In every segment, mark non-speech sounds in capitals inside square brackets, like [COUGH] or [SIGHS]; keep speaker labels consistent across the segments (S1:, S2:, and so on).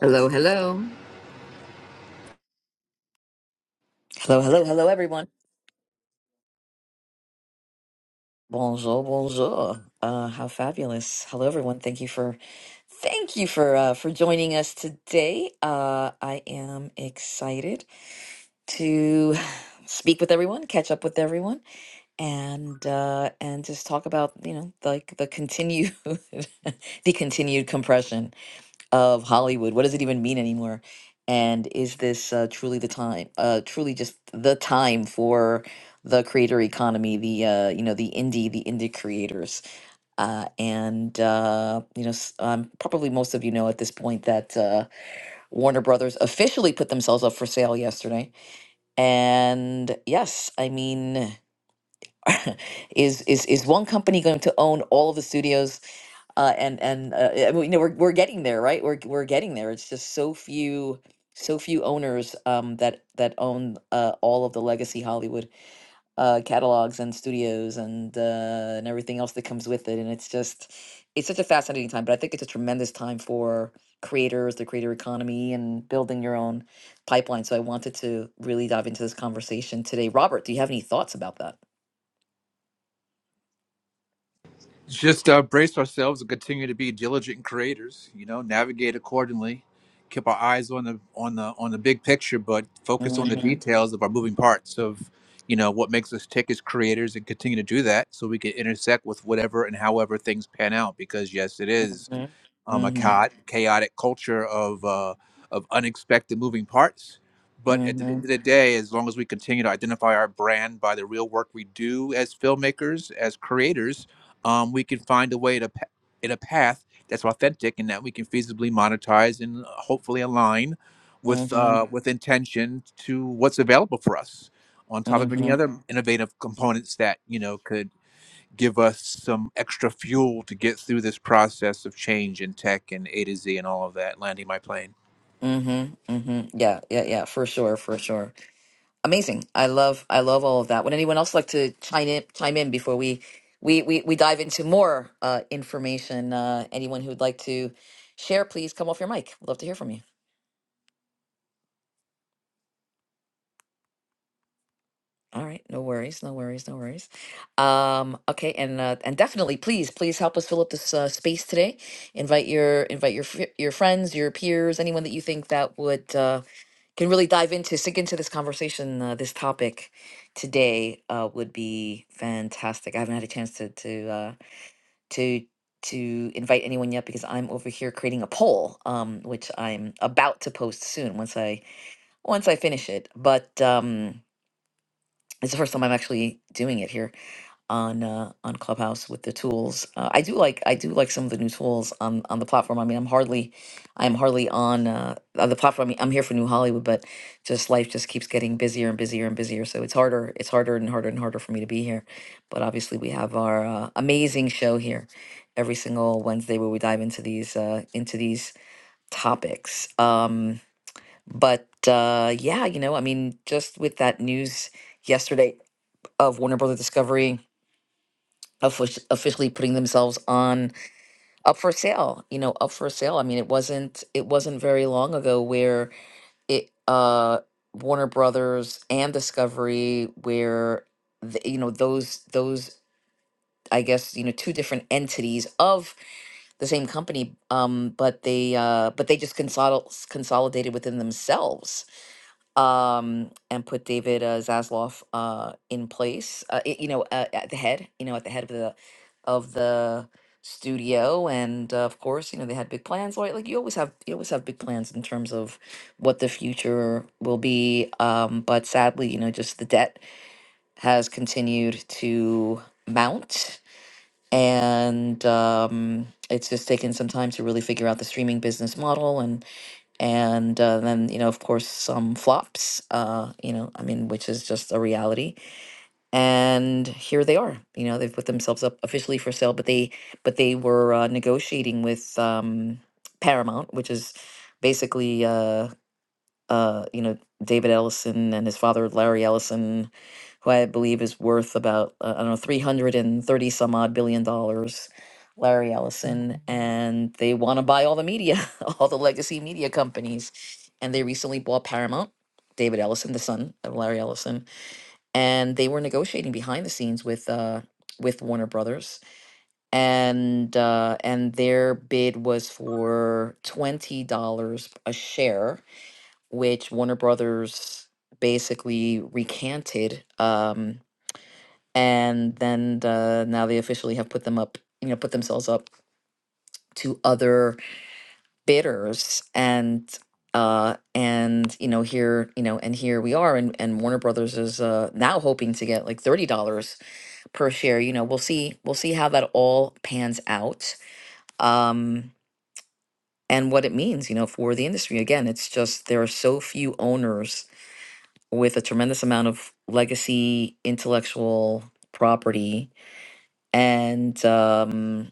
S1: Hello, hello. Hello, hello, hello, everyone. Bonjour, bonjour. Uh, how fabulous! Hello, everyone. Thank you for thank you for uh, for joining us today. Uh, I am excited to speak with everyone, catch up with everyone, and uh, and just talk about you know like the continued [LAUGHS] the continued compression of Hollywood. What does it even mean anymore? And is this uh, truly the time? Uh, truly, just the time for the creator economy, the uh, you know the indie, the indie creators, uh, and uh, you know s- um, probably most of you know at this point that uh, Warner Brothers officially put themselves up for sale yesterday. And yes, I mean, [LAUGHS] is is is one company going to own all of the studios? uh, and and uh, I mean, you know we're we're getting there, right? We're we're getting there. It's just so few so few owners um, that that own uh, all of the legacy Hollywood uh, catalogs and studios and uh, and everything else that comes with it. And it's just it's such a fascinating time. But I think it's a tremendous time for creators, the creator economy, and building your own pipeline. So I wanted to really dive into this conversation today. Robert, do you have any thoughts about that?
S2: Just uh, brace ourselves and continue to be diligent creators. You know, navigate accordingly. Keep our eyes on the on the on the big picture, but focus on the
S1: Mm-hmm.
S2: details of our moving parts of you know what makes us tick as creators, and continue to do that so we can intersect with whatever and however things pan out. Because yes, it is
S1: Mm-hmm.
S2: um, a
S1: Mm-hmm.
S2: chaotic culture of uh, of unexpected moving parts. But at the
S1: Mm-hmm.
S2: end of the day, as long as we continue to identify our brand by the real work we do as filmmakers, as creators, um, we can find a way to pa- in a path that's authentic and that we can feasibly monetize and uh, hopefully align with uh, with intention to what's available for us. On top of
S1: Mm-hmm.
S2: any other innovative components that you know could give us some extra fuel to get through this process of change in tech and A to Z and all of that, landing my plane.
S1: Mm-hmm. Mm-hmm. Yeah, yeah, yeah, for sure, for sure. Amazing. I love I love all of that. Would anyone else like to chime in chime in before we we we, we dive into more uh information? Uh anyone who would like to share, please come off your mic. We'd love to hear from you. All right, no worries, no worries, no worries. Um, okay, and uh, and definitely, please, please help us fill up this uh, space today. Invite your invite your fr- your friends, your peers, anyone that you think that would uh, can really dive into sink into this conversation uh, this topic today uh, would be fantastic i haven't had a chance to to uh, to to invite anyone yet because i'm over here creating a poll um, which i'm about to post soon once i once i finish it but um, it's the first time i'm actually doing it here on uh, on Clubhouse with the tools. Uh, I do like I do like some of the new tools on on the platform. I mean, I'm hardly I'm hardly on uh, on the platform. I mean, I'm here for New Hollywood, but just life just keeps getting busier and busier and busier. So it's harder it's harder and harder and harder for me to be here. But obviously, we have our uh, amazing show here every single Wednesday where we dive into these uh, into these topics. Um, but uh, yeah, you know, I mean, just with that news yesterday of Warner Brother Discovery offic- officially putting themselves on up for sale you know up for sale i mean it wasn't it wasn't very long ago where it uh warner brothers and discovery where the, you know those those i guess you know two different entities of the same company um but they uh but they just consol- consolidated within themselves um, and put David uh, Zasloff uh, in place, uh, i- you know, uh, at the head, you know, at the head of the of the studio, and uh, of course, you know, they had big plans. Like, like you always have, you always have big plans in terms of what the future will be. Um, but sadly, you know, just the debt has continued to mount, and um, it's just taken some time to really figure out the streaming business model and uh, then you know of course some flops uh you know i mean which is just a reality and here they are you know they've put themselves up officially for sale but they but they were uh, negotiating with um paramount which is basically uh uh, you know, David Ellison and his father, Larry Ellison, who I believe is worth about, uh, I don't know, 330 some odd billion dollars, Larry Ellison. And they want to buy all the media, [LAUGHS] all the legacy media companies. And they recently bought Paramount, David Ellison, the son of Larry Ellison. And they were negotiating behind the scenes with, uh, with Warner Brothers, and uh, and their bid was for twenty dollars a share, which Warner Brothers basically recanted. Um, and then uh, now they officially have put them up, you know, put themselves up to other bidders. And uh, and you know here, you know, and here we are. And and Warner Brothers is uh, now hoping to get like thirty dollars per share. You know, we'll see. We'll see how that all pans out. Um, and what it means, you know, for the industry. Again, it's just there are so few owners with a tremendous amount of legacy, intellectual property, and um,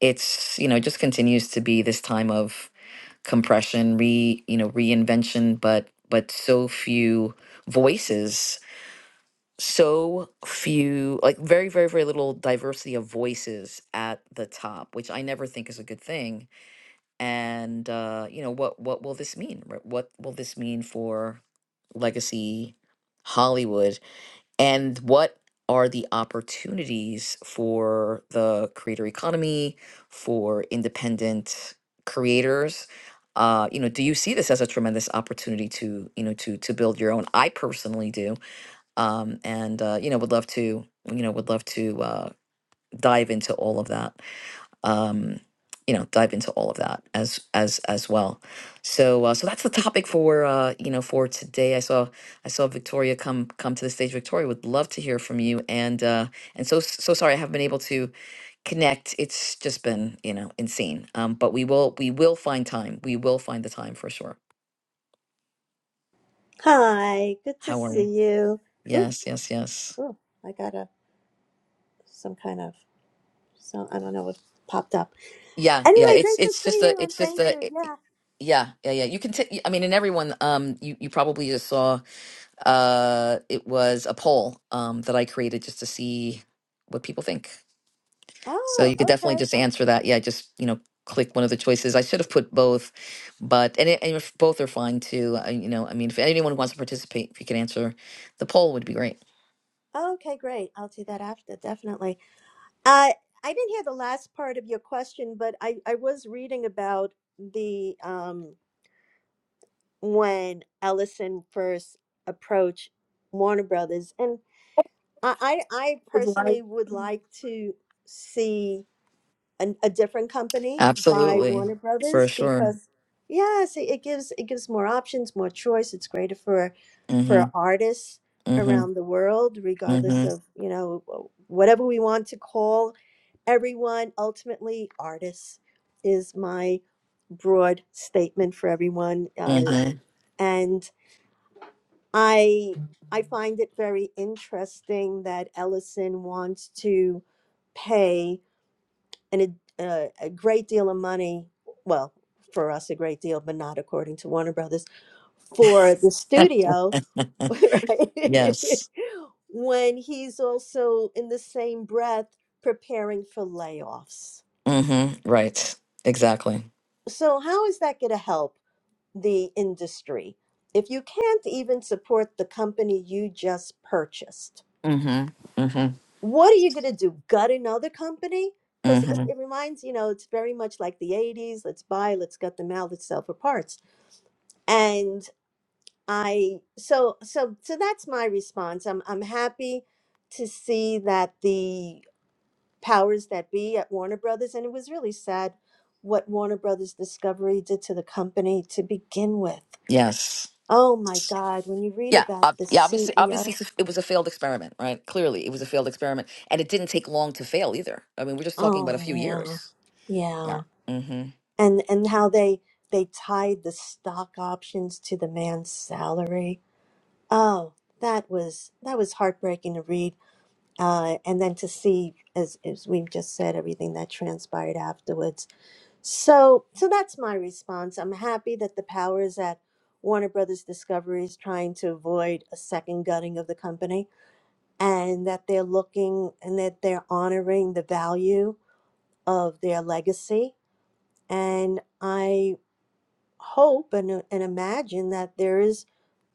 S1: it's you know it just continues to be this time of compression, re you know reinvention, but but so few voices, so few like very very very little diversity of voices at the top, which I never think is a good thing. And uh, you know what what will this mean? Right? What will this mean for legacy Hollywood? and what are the opportunities for the creator economy for independent creators uh, you know do you see this as a tremendous opportunity to you know to to build your own i personally do um, and uh, you know would love to you know would love to uh, dive into all of that um, you know dive into all of that as as as well so uh, so that's the topic for uh, you know for today i saw i saw victoria come come to the stage victoria would love to hear from you and uh and so so sorry i haven't been able to connect it's just been you know insane um but we will we will find time we will find the time for sure
S3: Hi, good to
S1: how are
S3: see
S1: you
S3: you. Ooh,
S1: yes yes yes
S3: ooh, I got a some kind of so I don't know what popped up.
S1: yeah yeah
S3: Anyway,
S1: it's
S3: great to
S1: it's
S3: see
S1: just
S3: you
S1: a
S3: and
S1: it's just
S3: thank you.
S1: a it-
S3: Yeah.
S1: yeah yeah yeah you can take i mean and everyone um you you probably just saw Uh, it was a poll um, that I created just to see what people think. So
S3: Oh,
S1: you could definitely
S3: okay.
S1: just answer that. Yeah, just you know, click one of the choices. I should have put both, but and, it, and if both are fine too. I, you know, I mean, if anyone wants to participate, if you could answer the poll, would be great.
S3: Okay, great. I'll do that after, definitely. Uh, I didn't hear the last part of your question, but I I was reading about the um when Ellison first approached Warner Brothers, and I I, I
S1: I
S3: personally would like to see. an, a different company by Warner
S1: Absolutely, for
S3: Brothers
S1: sure.
S3: because yes, it, it gives it gives more options, more choice. It's greater for
S1: Mm-hmm.
S3: for artists around
S1: Mm-hmm.
S3: the world, regardless
S1: Mm-hmm.
S3: of you know whatever we want to call everyone. Ultimately, artists is my broad statement for everyone, uh, and I. I find it very interesting that Ellison wants to pay and a uh, a great deal of money. Well, for us, a great deal, but not according to Warner Brothers
S1: Mm-hmm.
S3: for the studio, [LAUGHS] right?
S1: [LAUGHS]
S3: [LAUGHS]
S1: yes.
S3: when he's also in the same breath preparing for layoffs.
S1: Mm-hmm. Right. Exactly.
S3: So, how is that going to help the industry if you can't even support the company you just purchased?
S1: Mm-hmm. Mm-hmm.
S3: what are you going to do gut another company because it,
S1: Mm-hmm.
S3: it reminds you know it's very much like the 80s let's buy let's gut them out let's sell for parts and i so so so that's my response i'm i'm happy to see that the powers that be at warner brothers and it was really sad what warner brothers discovery did to the company to begin with
S1: Yes.
S3: oh my god when you read
S1: Yeah,
S3: about
S1: ob-
S3: the
S1: yeah. Obviously, obviously,
S3: ceo
S1: it's a- it was a failed experiment, right? Clearly, it was a failed experiment, and it didn't take long to fail either. I mean, we're just talking about a few
S3: oh
S1: years.
S3: yeah yeah
S1: Yeah. Mm-hmm.
S3: and and how they they tied the stock options to the man's salary. Oh, that was that was heartbreaking to read, uh, and then to see as as we've just said everything that transpired afterwards. So so that's my response. I'm happy that the powers at Warner Brothers Discovery is trying to avoid a second gutting of the company, and that they're looking and that they're honoring the value of their legacy and I hope and, uh, and imagine that there is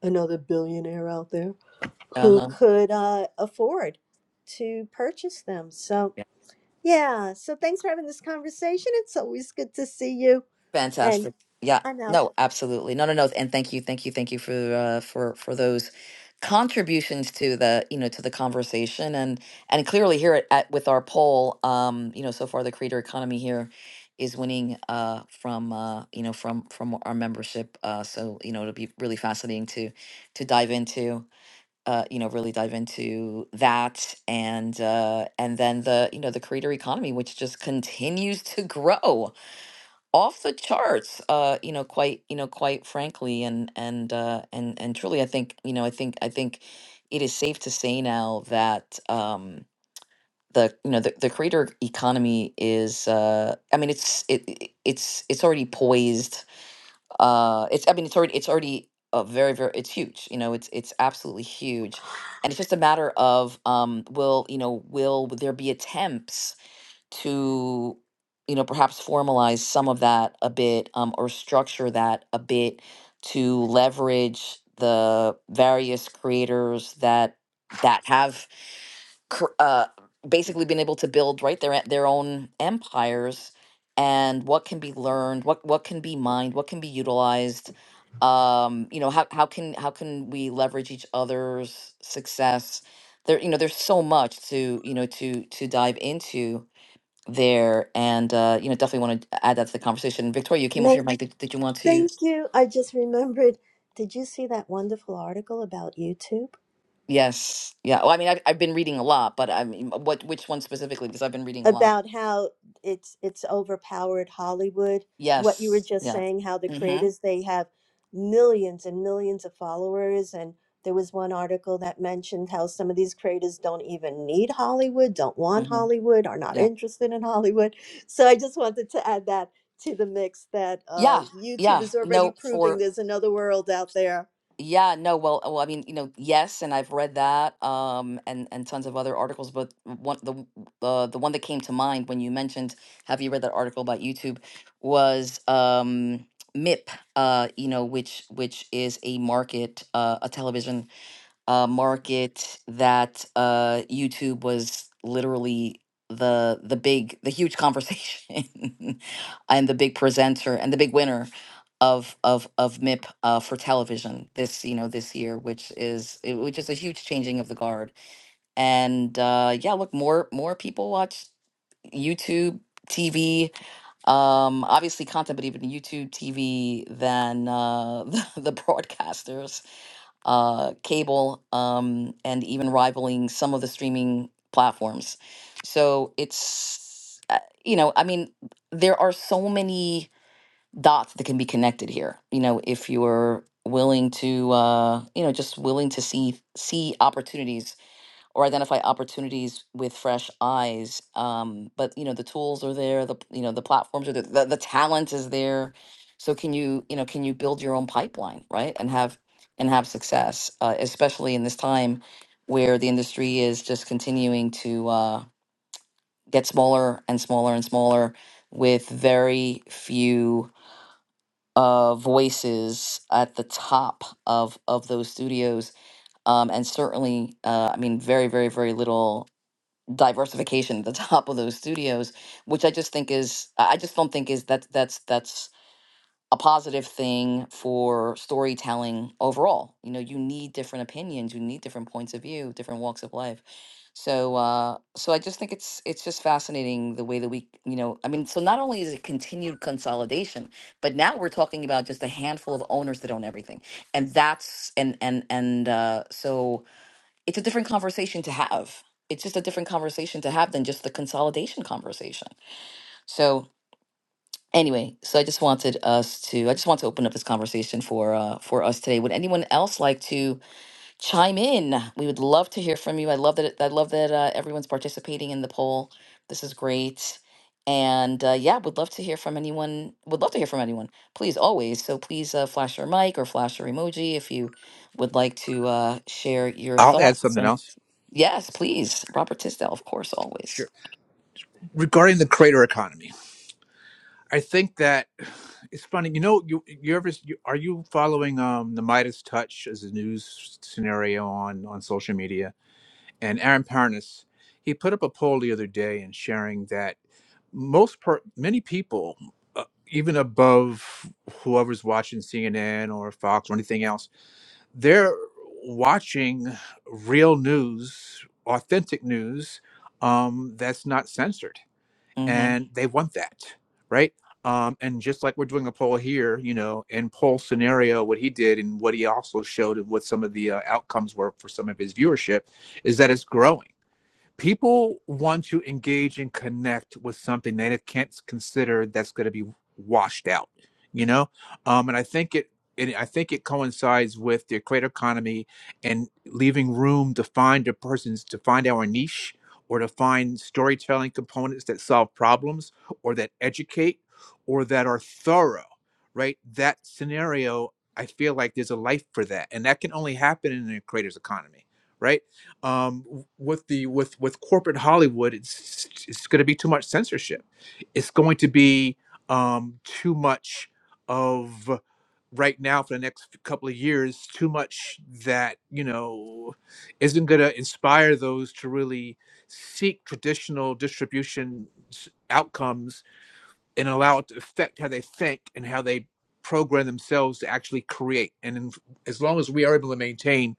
S3: another billionaire out there
S1: Uh
S3: who
S1: huh.
S3: could uh, afford to purchase them. So, yeah. So, thanks for having this conversation. It's always good to see you. And
S1: Fantastic. Yeah.
S3: I'm out.
S1: No, absolutely. No, no, no. And thank you, thank you, thank you for uh, for for those contributions to the you know to the conversation and and clearly here at, at with our poll um you know so far the creator economy here is winning uh from uh you know from from our membership uh so you know it'll be really fascinating to to dive into uh you know really dive into that and uh and then the you know the creator economy which just continues to grow off the charts uh you know quite you know quite frankly and and uh and and truly i think you know i think i think it is safe to say now that um the you know the, the creator economy is uh i mean it's it it- it's it's already poised uh it's i mean it's already it's already uh, very very it's huge you know it's it's absolutely huge and it's just a matter of um will you know will there be attempts to you know perhaps formalize some of that a bit um, or structure that a bit to leverage the various creators that that have cr- uh, basically been able to build right their e- their own empires and what can be learned what what can be mined what can be utilized um you know how, how can how can we leverage each other's success there you know there's so much to you know to to dive into there and uh you know definitely want to add that to the conversation victoria you came off
S3: May,
S1: your mic did, did you want to
S3: thank you. I just remembered. Did you see that wonderful article about YouTube?
S1: yes yeah well i mean I've, I've been reading a lot but i mean what which one specifically because i've been reading a lot
S3: about how it's it's overpowered Hollywood. What you were
S1: yes
S3: just
S1: yeah
S3: saying, how the
S1: mm-hmm
S3: creators they have millions and millions of followers, and there was one article that mentioned how some of these creators don't even need Hollywood, don't want
S1: mm-hmm
S3: Hollywood, are not
S1: yeah
S3: interested in Hollywood. So I just wanted to add that to the mix that uh,
S1: yeah
S3: YouTube
S1: yeah
S3: is already
S1: no for
S3: proving there's another world out there
S1: Yeah, no, well, uh, well, I mean, you know, yes, and I've read that, um, and and tons of other articles, but one the w- uh, the one that came to mind when you mentioned, have you read that article about YouTube, was um, MIP, uh, you know, which which is a market, uh, a television uh, market that uh, YouTube was literally the the big the huge conversation [LAUGHS] and the big presenter and the big winner of of of MIP uh, for television this you know this year, which is it, which is a huge changing of the guard. And uh, yeah, look more more people watch YouTube TV um obviously content but even youtube tv than uh [LAUGHS] the, the broadcasters uh, cable, um, and even rivaling some of the streaming platforms. So it's, uh, you know, I mean, there are so many dots that can be connected here. You know, if you're willing to, uh, you know, just willing to see see opportunities or identify opportunities with fresh eyes. Um, but you know, the tools are there, the you know, the platforms are there, the, the talent is there. So can you, you know, can you build your own pipeline, right? And have and have success, uh, especially in this time where the industry is just continuing to uh, get smaller and smaller and smaller with very few uh, voices at the top of of those studios um, and certainly uh, i mean very very very little diversification at the [LAUGHS] top of those studios, which I just think is I just don't think is that that's that's a positive thing for storytelling overall. You know, you need different opinions, you need different points of view, different walks of life. So uh so I just think it's it's just fascinating the way that we, you know, I mean, so not only is it continued consolidation, but now we're talking about just a handful of owners that own everything. And that's and and and uh so it's a different conversation to have. It's just a different conversation to have than just the consolidation conversation. So anyway, so I just wanted us to I just want to open up this conversation for uh for us today. Would anyone else like to chime in. We would love to hear from you. I love that. it- I love that uh, everyone's participating in the poll. This is great. And uh, yeah, would love to hear from anyone. Would love to hear from anyone. Please, always. So please uh, flash your mic or flash your emoji if you would like to uh, share your
S2: I'll add
S1: thoughts.
S2: something
S1: And
S2: else.
S1: yes, please, Robert Tisdale, of course, always.
S2: Sure. Regarding the creator economy, I think that it's funny. You know, you you ever you, are you following um the Midas Touch as a news scenario on on social media? and Aaron Parnas, he put up a poll the other day and sharing that most per- many people, uh, even above whoever's watching CNN or Fox or anything else, they're watching real news, authentic news um, that's not censored,
S1: Mm-hmm.
S2: and they want that, right? Um, and just like we're doing a poll here, you know, in poll scenario, what he did and what he also showed and what some of the uh, outcomes were for some of his viewership is that it's growing people want to engage and connect with something they can't consider that's going to be washed out you know um and i think it and I think it coincides with the creator economy and leaving room to find the persons to find our niche or to find storytelling components that solve problems or that educate or that are thorough, right? That scenario, I feel like there's a life for that. And that can only happen in a creator's economy, right? um, with the with with corporate Hollywood, it's it's going to be too much censorship. It's going to be um, too much of right now for the next couple of years. Too much that you know isn't going to inspire those to really seek traditional distribution s- outcomes and allow it to affect how they think and how they program themselves to actually create. And in, as long as we are able to maintain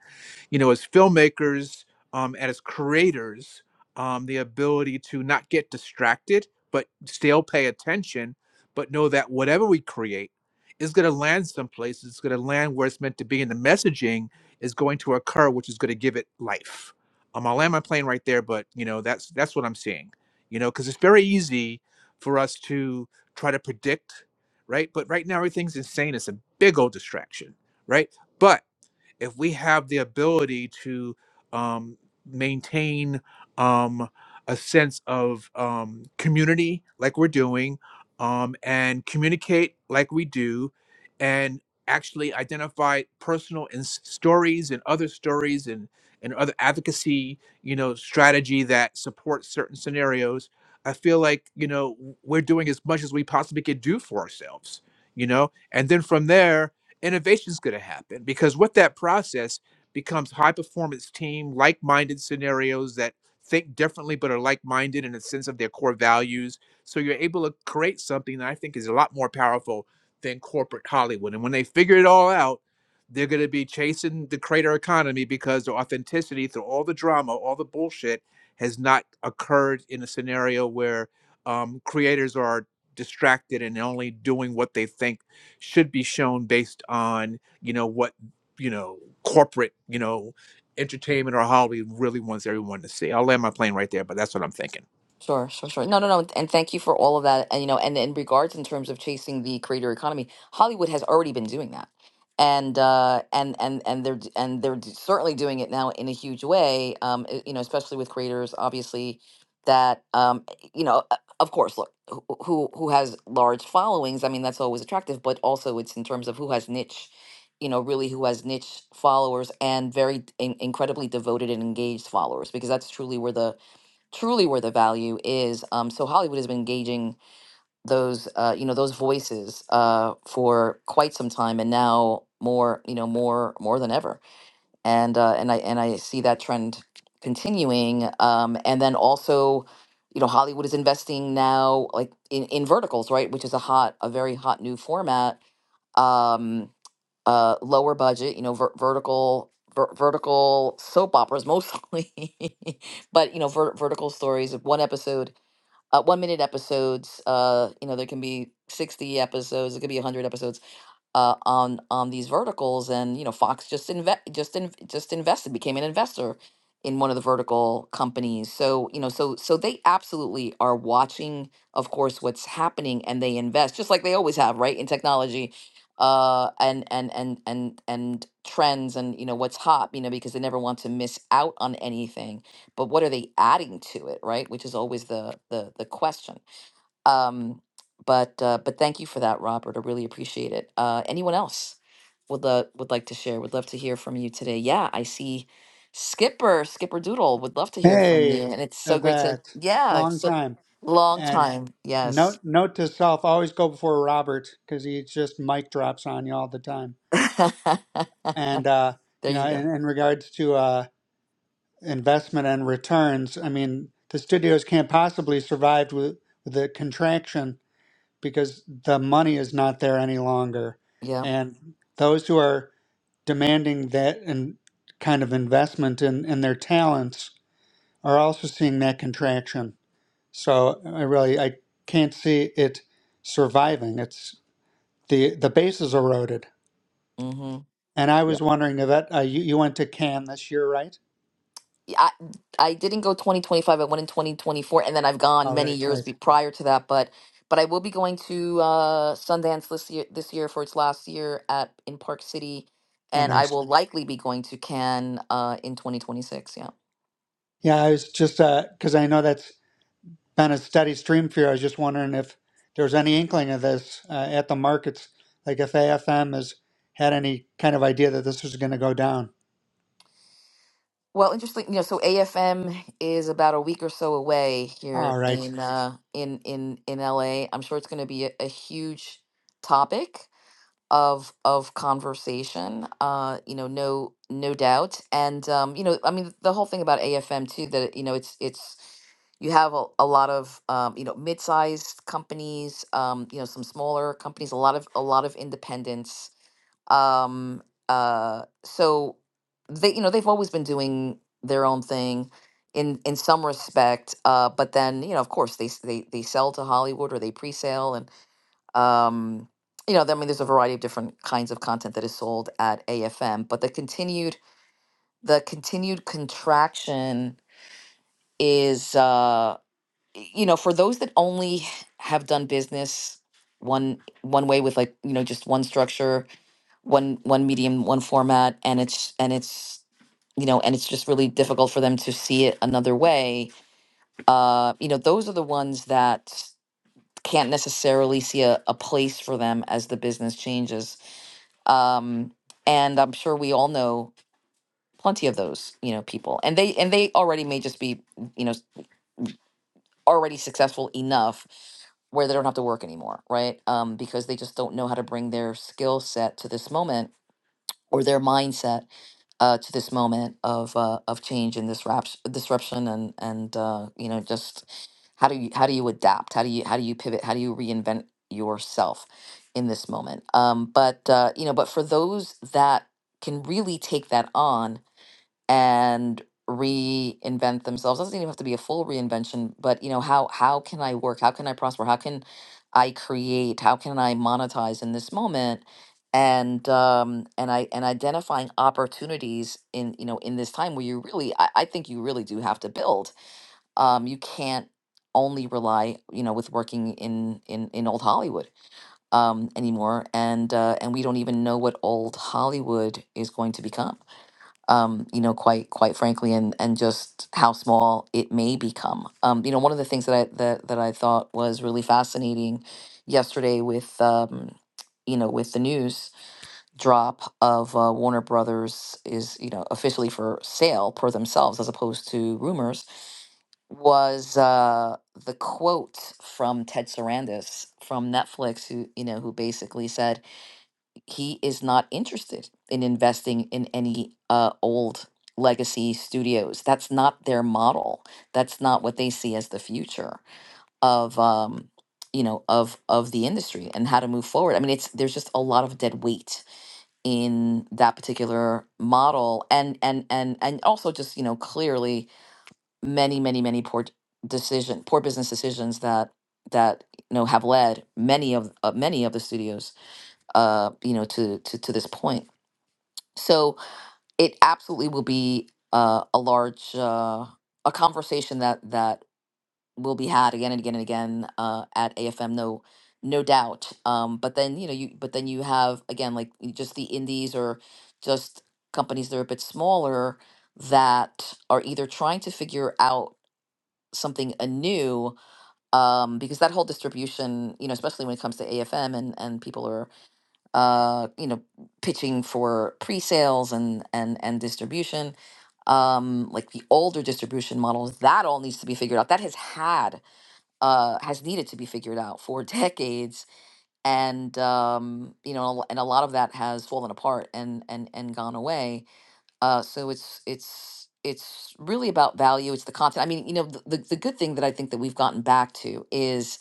S2: you know, as filmmakers um, and as creators, um, the ability to not get distracted, but still pay attention, but know that whatever we create is going to land someplace. It's going to land where it's meant to be, and the messaging is going to occur, which is going to give it life. Um, I'll land my plane right there, but you know, that's that's what I'm seeing. You know, because it's very easy for us to try to predict, right? But right now, everything's insane. It's a big old distraction, right? But if we have the ability to um, maintain um, a sense of um, community like we're doing um, and communicate like we do and actually identify personal and stories and other stories and, and other advocacy you know strategy that supports certain scenarios i feel like you know w- we're doing as much as we possibly could do for ourselves you know and then from there Innovation is going to happen because with that process becomes high performance team like-minded scenarios that think differently but are like-minded in a sense of their core values so you're able to create something that i think is a lot more powerful than corporate hollywood and when they figure it all out they're going to be chasing the creator economy because the authenticity through all the drama all the bullshit has not occurred in a scenario where um, creators are distracted and only doing what they think should be shown based on you know what you know corporate you know entertainment or Hollywood really wants everyone to see. I'll land my plane right there, but that's what I'm thinking.
S1: Sure, sure, sure. No, no, no. And thank you for all of that. And you know, and in regards in terms of chasing the creator economy, Hollywood has already been doing that. And uh and and and they're d- and they're d- certainly doing it now in a huge way. Um e- you know, especially with creators obviously that um e- you know, uh, of course, look, who who who has large followings, I mean, that's always attractive, but also it's in terms of who has niche, you know, really who has niche followers and very d- in, incredibly devoted and engaged followers because that's truly where the truly where the value is. Um, so Hollywood has been engaging those, uh, you know, those voices uh, for quite some time, and now more, you know, more more than ever. And uh, and I and I see that trend continuing. Um, and then also, you know, Hollywood is investing now, like in in verticals, right, which is a hot, a very hot new format. Um, uh, lower budget, you know, ver- vertical ver- vertical soap operas mostly, [LAUGHS] but you know, ver- vertical stories of one episode, uh, one minute episodes. Uh, you know, there can be sixty episodes. It could be hundred episodes uh, on on these verticals, and you know, Fox just invest, just in- just invested, became an investor in one of the vertical companies. So you know, so so they absolutely are watching, of course, what's happening, and they invest just like they always have, right, in technology, uh, and and and and and trends, and you know what's hot, you know, because they never want to miss out on anything. But what are they adding to it, right? Which is always the the the question. Um, but uh, but thank you for that, Robert. I really appreciate it. Uh, anyone else would lo- would like to share? Would love to hear from you today. Yeah, I see Skipper Skipper Doodle would love to hear from you,
S4: Hey,
S1: and it's so great to
S4: Yvette.
S1: yeah,
S4: Long
S1: it's a
S4: time.
S1: long
S4: And
S1: time. Yes,
S4: note note to self, always go before Robert because he just mic drops on you all the time.
S1: [LAUGHS]
S4: And uh, you
S1: there
S4: know,
S1: you
S4: in,
S1: go.
S4: in regards to uh, investment and returns, I mean, the studios can't possibly survive with, with the contraction because the money is not there any longer.
S1: Yeah.
S4: And those who are demanding that and kind of investment in, in their talents are also seeing that contraction. So I really I can't see it surviving. It's the the base is eroded.
S1: Mm-hmm.
S4: And I was wondering if that uh, you you went to Cannes this year, right?
S1: I I didn't go 2025. I went in 2024, and then I've gone
S4: Oh,
S1: many
S4: right,
S1: years
S4: right.
S1: be, prior to that. But but I will be going to uh, Sundance this year this year for its last year at in Park City,
S4: Oh,
S1: and I
S4: nice.
S1: will likely be going to Cannes uh, in 2026. Yeah.
S4: Yeah, I was just because I know that's been a steady stream for you. I was just wondering if there was any inkling of this uh, at the markets, like if AFM has had any kind of idea that this was going to go down.
S1: Well, interesting. You know, so AFM is about a week or so away
S4: All
S1: here
S4: right,
S1: in uh, in in in LA. I'm sure it's going to be a, a huge topic. of of conversation uh you know no no doubt and um you know i mean the whole thing about afm too that you know it's it's you have a, a lot of um you know mid-sized companies um you know some smaller companies a lot of a lot of independents um uh so they you know they've always been doing their own thing in in some respect uh but then you know of course they s- they they sell to hollywood or they pre-sale um, you know, I mean, there's a variety of different kinds of content that is sold at AFM, but the continued the continued contraction is, uh, y- you know, for those that only have done business one one way with like you know just one structure, one one medium, one format, and it's and it's you know and it's just really difficult for them to see it another way. Uh, you know, those are the ones that can't necessarily see a, a place for them as the business changes um, and I'm sure we all know plenty of those you know people, and they and they already may just be you know s- already successful enough where they don't have to work anymore, right? Um, because they just don't know how to bring their skill set to this moment or their mindset uh, to this moment of uh, of change and disruption, disruption, and and uh, you know just how do you how do you adapt? How do you how do you pivot? How do you reinvent yourself in this moment? Um, but uh, you know, but for those that can really take that on and reinvent themselves doesn't even have to be a full reinvention but you know how how can i work how can i prosper how can i create how can i monetize in this moment and um and i and identifying opportunities in you know in this time where you really i, I think you really do have to build um you can't only rely you know with working in in in old hollywood um anymore and uh and we don't even know what old hollywood is going to become um, you know, quite quite frankly, and and just how small it may become. Um, you know, one of the things that I that that I thought was really fascinating yesterday with um, you know with the news drop of uh, Warner Brothers is you know officially for sale per themselves as opposed to rumors was uh, the quote from Ted Sarandis from Netflix who you know who basically said he is not interested in investing in any uh, old legacy studios. That's not their model. That's not what they see as the future of um, you know of of the industry and how to move forward. I mean, it's there's just a lot of dead weight in that particular model, and and and and also just you know clearly many many many poor decision poor business decisions that that you know have led many of uh, many of the studios uh you know to to to this point so it absolutely will be uh, a large uh, a conversation that that will be had again and again and again uh, at AFM. No, no doubt. Um, but then you know you but then you have again like y- just the indies or just companies that are a bit smaller that are either trying to figure out something anew um, because that whole distribution you know especially when it comes to afm and, and people are uh, you know, pitching for pre-sales and and and distribution, um, like the older distribution models, that all needs to be figured out. That has had uh, has needed to be figured out for [LAUGHS] decades, and um, you know, and a lot of that has fallen apart and and and gone away. Uh, so it's it's it's really about value. It's the content. I mean, you know, the, the, the good thing that I think that we've gotten back to is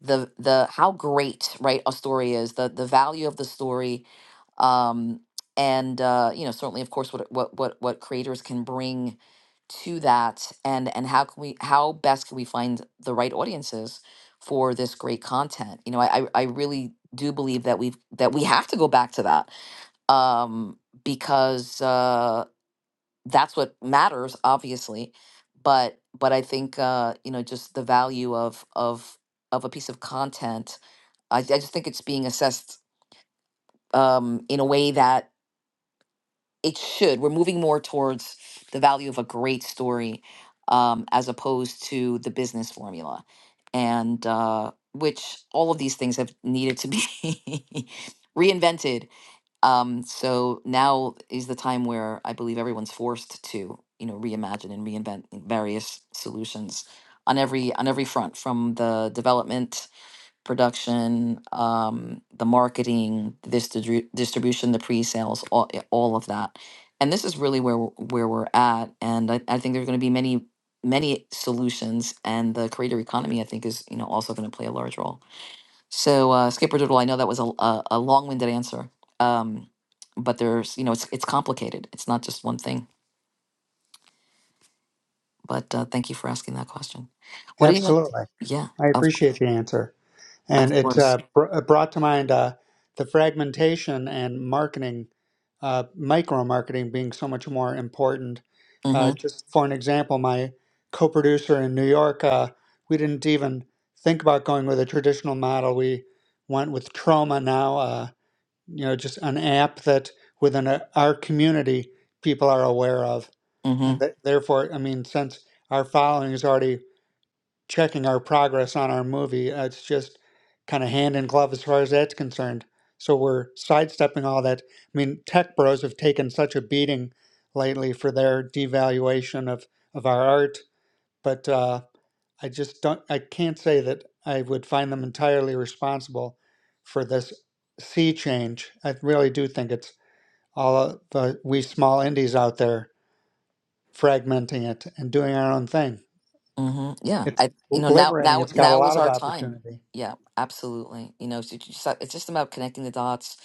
S1: the the how great right a story is, the the value of the story, um, and uh, you know certainly of course what what what what creators can bring to that and and how can we how best can we find the right audiences for this great content you know i i I really do believe that we've that we have to go back to that um because uh that's what matters obviously but but i think uh you know just the value of of of a piece of content i, I just think it's being assessed um in a way that it should. We're moving more towards the value of a great story um, as opposed to the business formula. And uh, which all of these things have needed to be [LAUGHS] reinvented. Um, so now is the time where I believe everyone's forced to, you know, reimagine and reinvent various solutions on every on every front, from the development production, um, the marketing, the distri- distribution, the pre-sales, all, yeah, all of that. And this is really where we're- where we're at. And I, I think there's going to be many many solutions, and the creator economy I think is you know also going to play a large role. So uh, Skipper Doodle, I know that was a a, a long-winded answer, um, but there's you know it's it's complicated. It's not just one thing. But uh, thank you for asking that question. What do you want?
S4: absolutely.
S1: Yeah,
S4: I
S1: of
S4: appreciate the answer. and
S1: of
S4: it
S1: course.
S4: uh, br- uh, brought to mind uh, the fragmentation and marketing, uh, micro marketing being so much more important. Uh,
S1: Mm-hmm.
S4: just for an example, my co-producer in New York, uh, we didn't even think about going with a traditional model. We went with Trauma now. Uh, you know, just an app that within a, our community people are aware of,
S1: mm-hmm.
S4: and th- therefore, I mean, since our following is already checking our progress on our movie. Uh, It's just kind of hand in glove as far as that's concerned. So we're sidestepping all that. I mean, tech bros have taken such a beating lately for their devaluation of of our art, but uh, I just don't. I can't say that I would find them entirely responsible for this sea change. I really do think it's all of the we small indies out there fragmenting it and doing our own thing.
S1: hmm Yeah,
S4: It's
S1: I you know now
S4: liberating.
S1: now
S4: It's got a
S1: now
S4: lot
S1: is
S4: of
S1: our time.
S4: opportunity.
S1: Yeah, absolutely. You know, so it's just it's just about connecting the dots,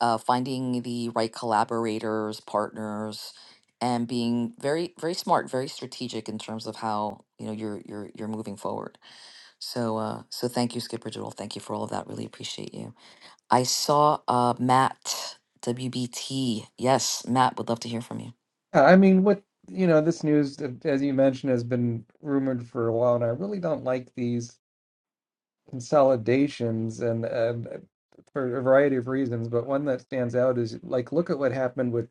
S1: uh, finding the right collaborators, partners, and being very very smart, very strategic in terms of how you know you're you're you're moving forward. So uh, so thank you, Skipper Doodle. Thank you for all of that. Really appreciate you. I saw uh, Matt WBT. Yes, Matt would love to hear from you.
S5: Yeah, I mean, what you know, this news, uh, as you mentioned, has been rumored for a while, and I really don't like these consolidations, and uh, for a variety of reasons. But one that stands out is like, look at what happened with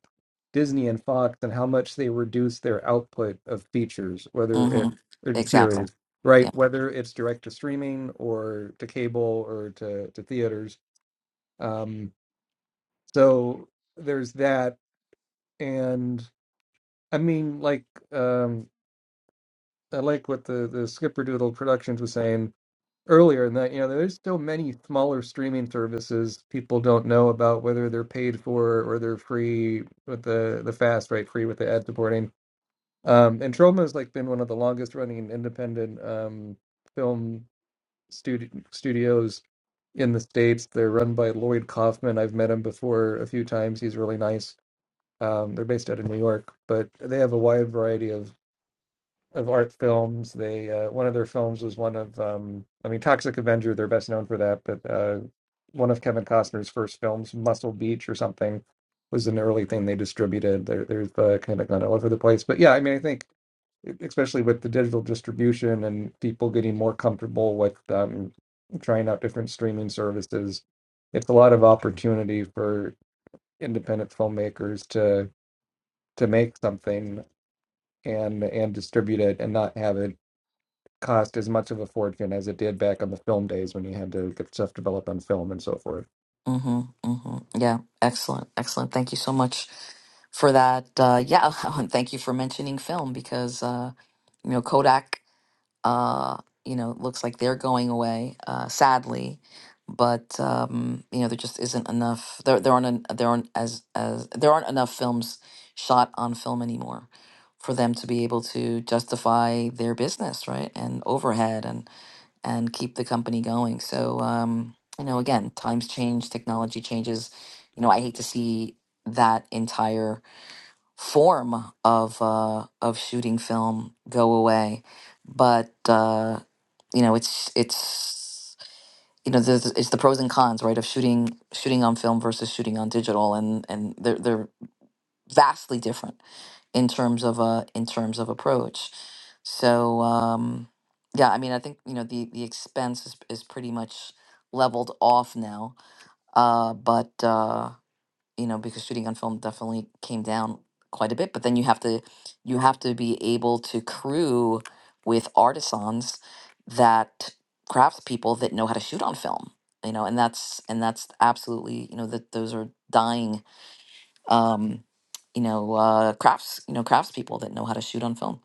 S5: Disney and Fox, and how much they reduced their output of features, whether
S1: hmm
S5: it in
S1: Exactly.
S5: series, right? Whether it's direct to streaming or to cable or to to theaters. Um, so there's that, and I mean, like. Um, I like what the the Skipper Doodle Productions was saying earlier, in that you know there's so many smaller streaming services people don't know about whether they're paid for or they're free with the the fast right free with the ad supporting. Um, and Troma has like been one of the longest running independent um, film studio studios in the states. They're run by Lloyd Kaufman. I've met him before a few times. He's really nice. Um, they're based out of New York, but they have a wide variety of of art films. They uh, one of their films was one of um, I mean Toxic Avenger. They're best known for that, but uh, one of Kevin Costner's first films, Muscle Beach or something, was an early thing they distributed. They're, they've uh, kind of gone all over the place, but yeah, I mean I think e, especially with the digital distribution and people getting more comfortable with um, trying out different streaming services, it's a lot of opportunity for independent filmmakers to to make something and and distribute it and not have it cost as much of a fortune as it did back on the film days when you had to get stuff developed on film and so forth.
S1: Mm-hmm, mm-hmm. Yeah, excellent, excellent. Thank you so much for that. Uh, yeah, [LAUGHS] and thank you for mentioning film because uh, you know Kodak. Uh, you know, looks like they're going away, uh, sadly, but um, you know there just isn't enough. There there aren't en- there aren't as as there aren't enough films shot on film anymore for them to be able to justify their business, right? And overhead and and keep the company going. So, um, you know, again, times change, technology changes. You know, I hate to see that entire form of uh, of shooting film go away, but uh, you know, it's it's you know, there's, it's the pros and cons, right, of shooting shooting on film versus shooting on digital, and and they're they're vastly different in terms of a in terms of approach. So um, yeah, I mean, I think you know the the expense is is pretty much leveled off now. Uh, but uh, you know, because shooting on film definitely came down quite a bit. But then you have to you have to be able to crew with artisans that craftspeople that know how to shoot on film. You know, and that's and that's absolutely you know that those are dying um, you know, uh, crafts, you know, craftspeople that know how to shoot on film.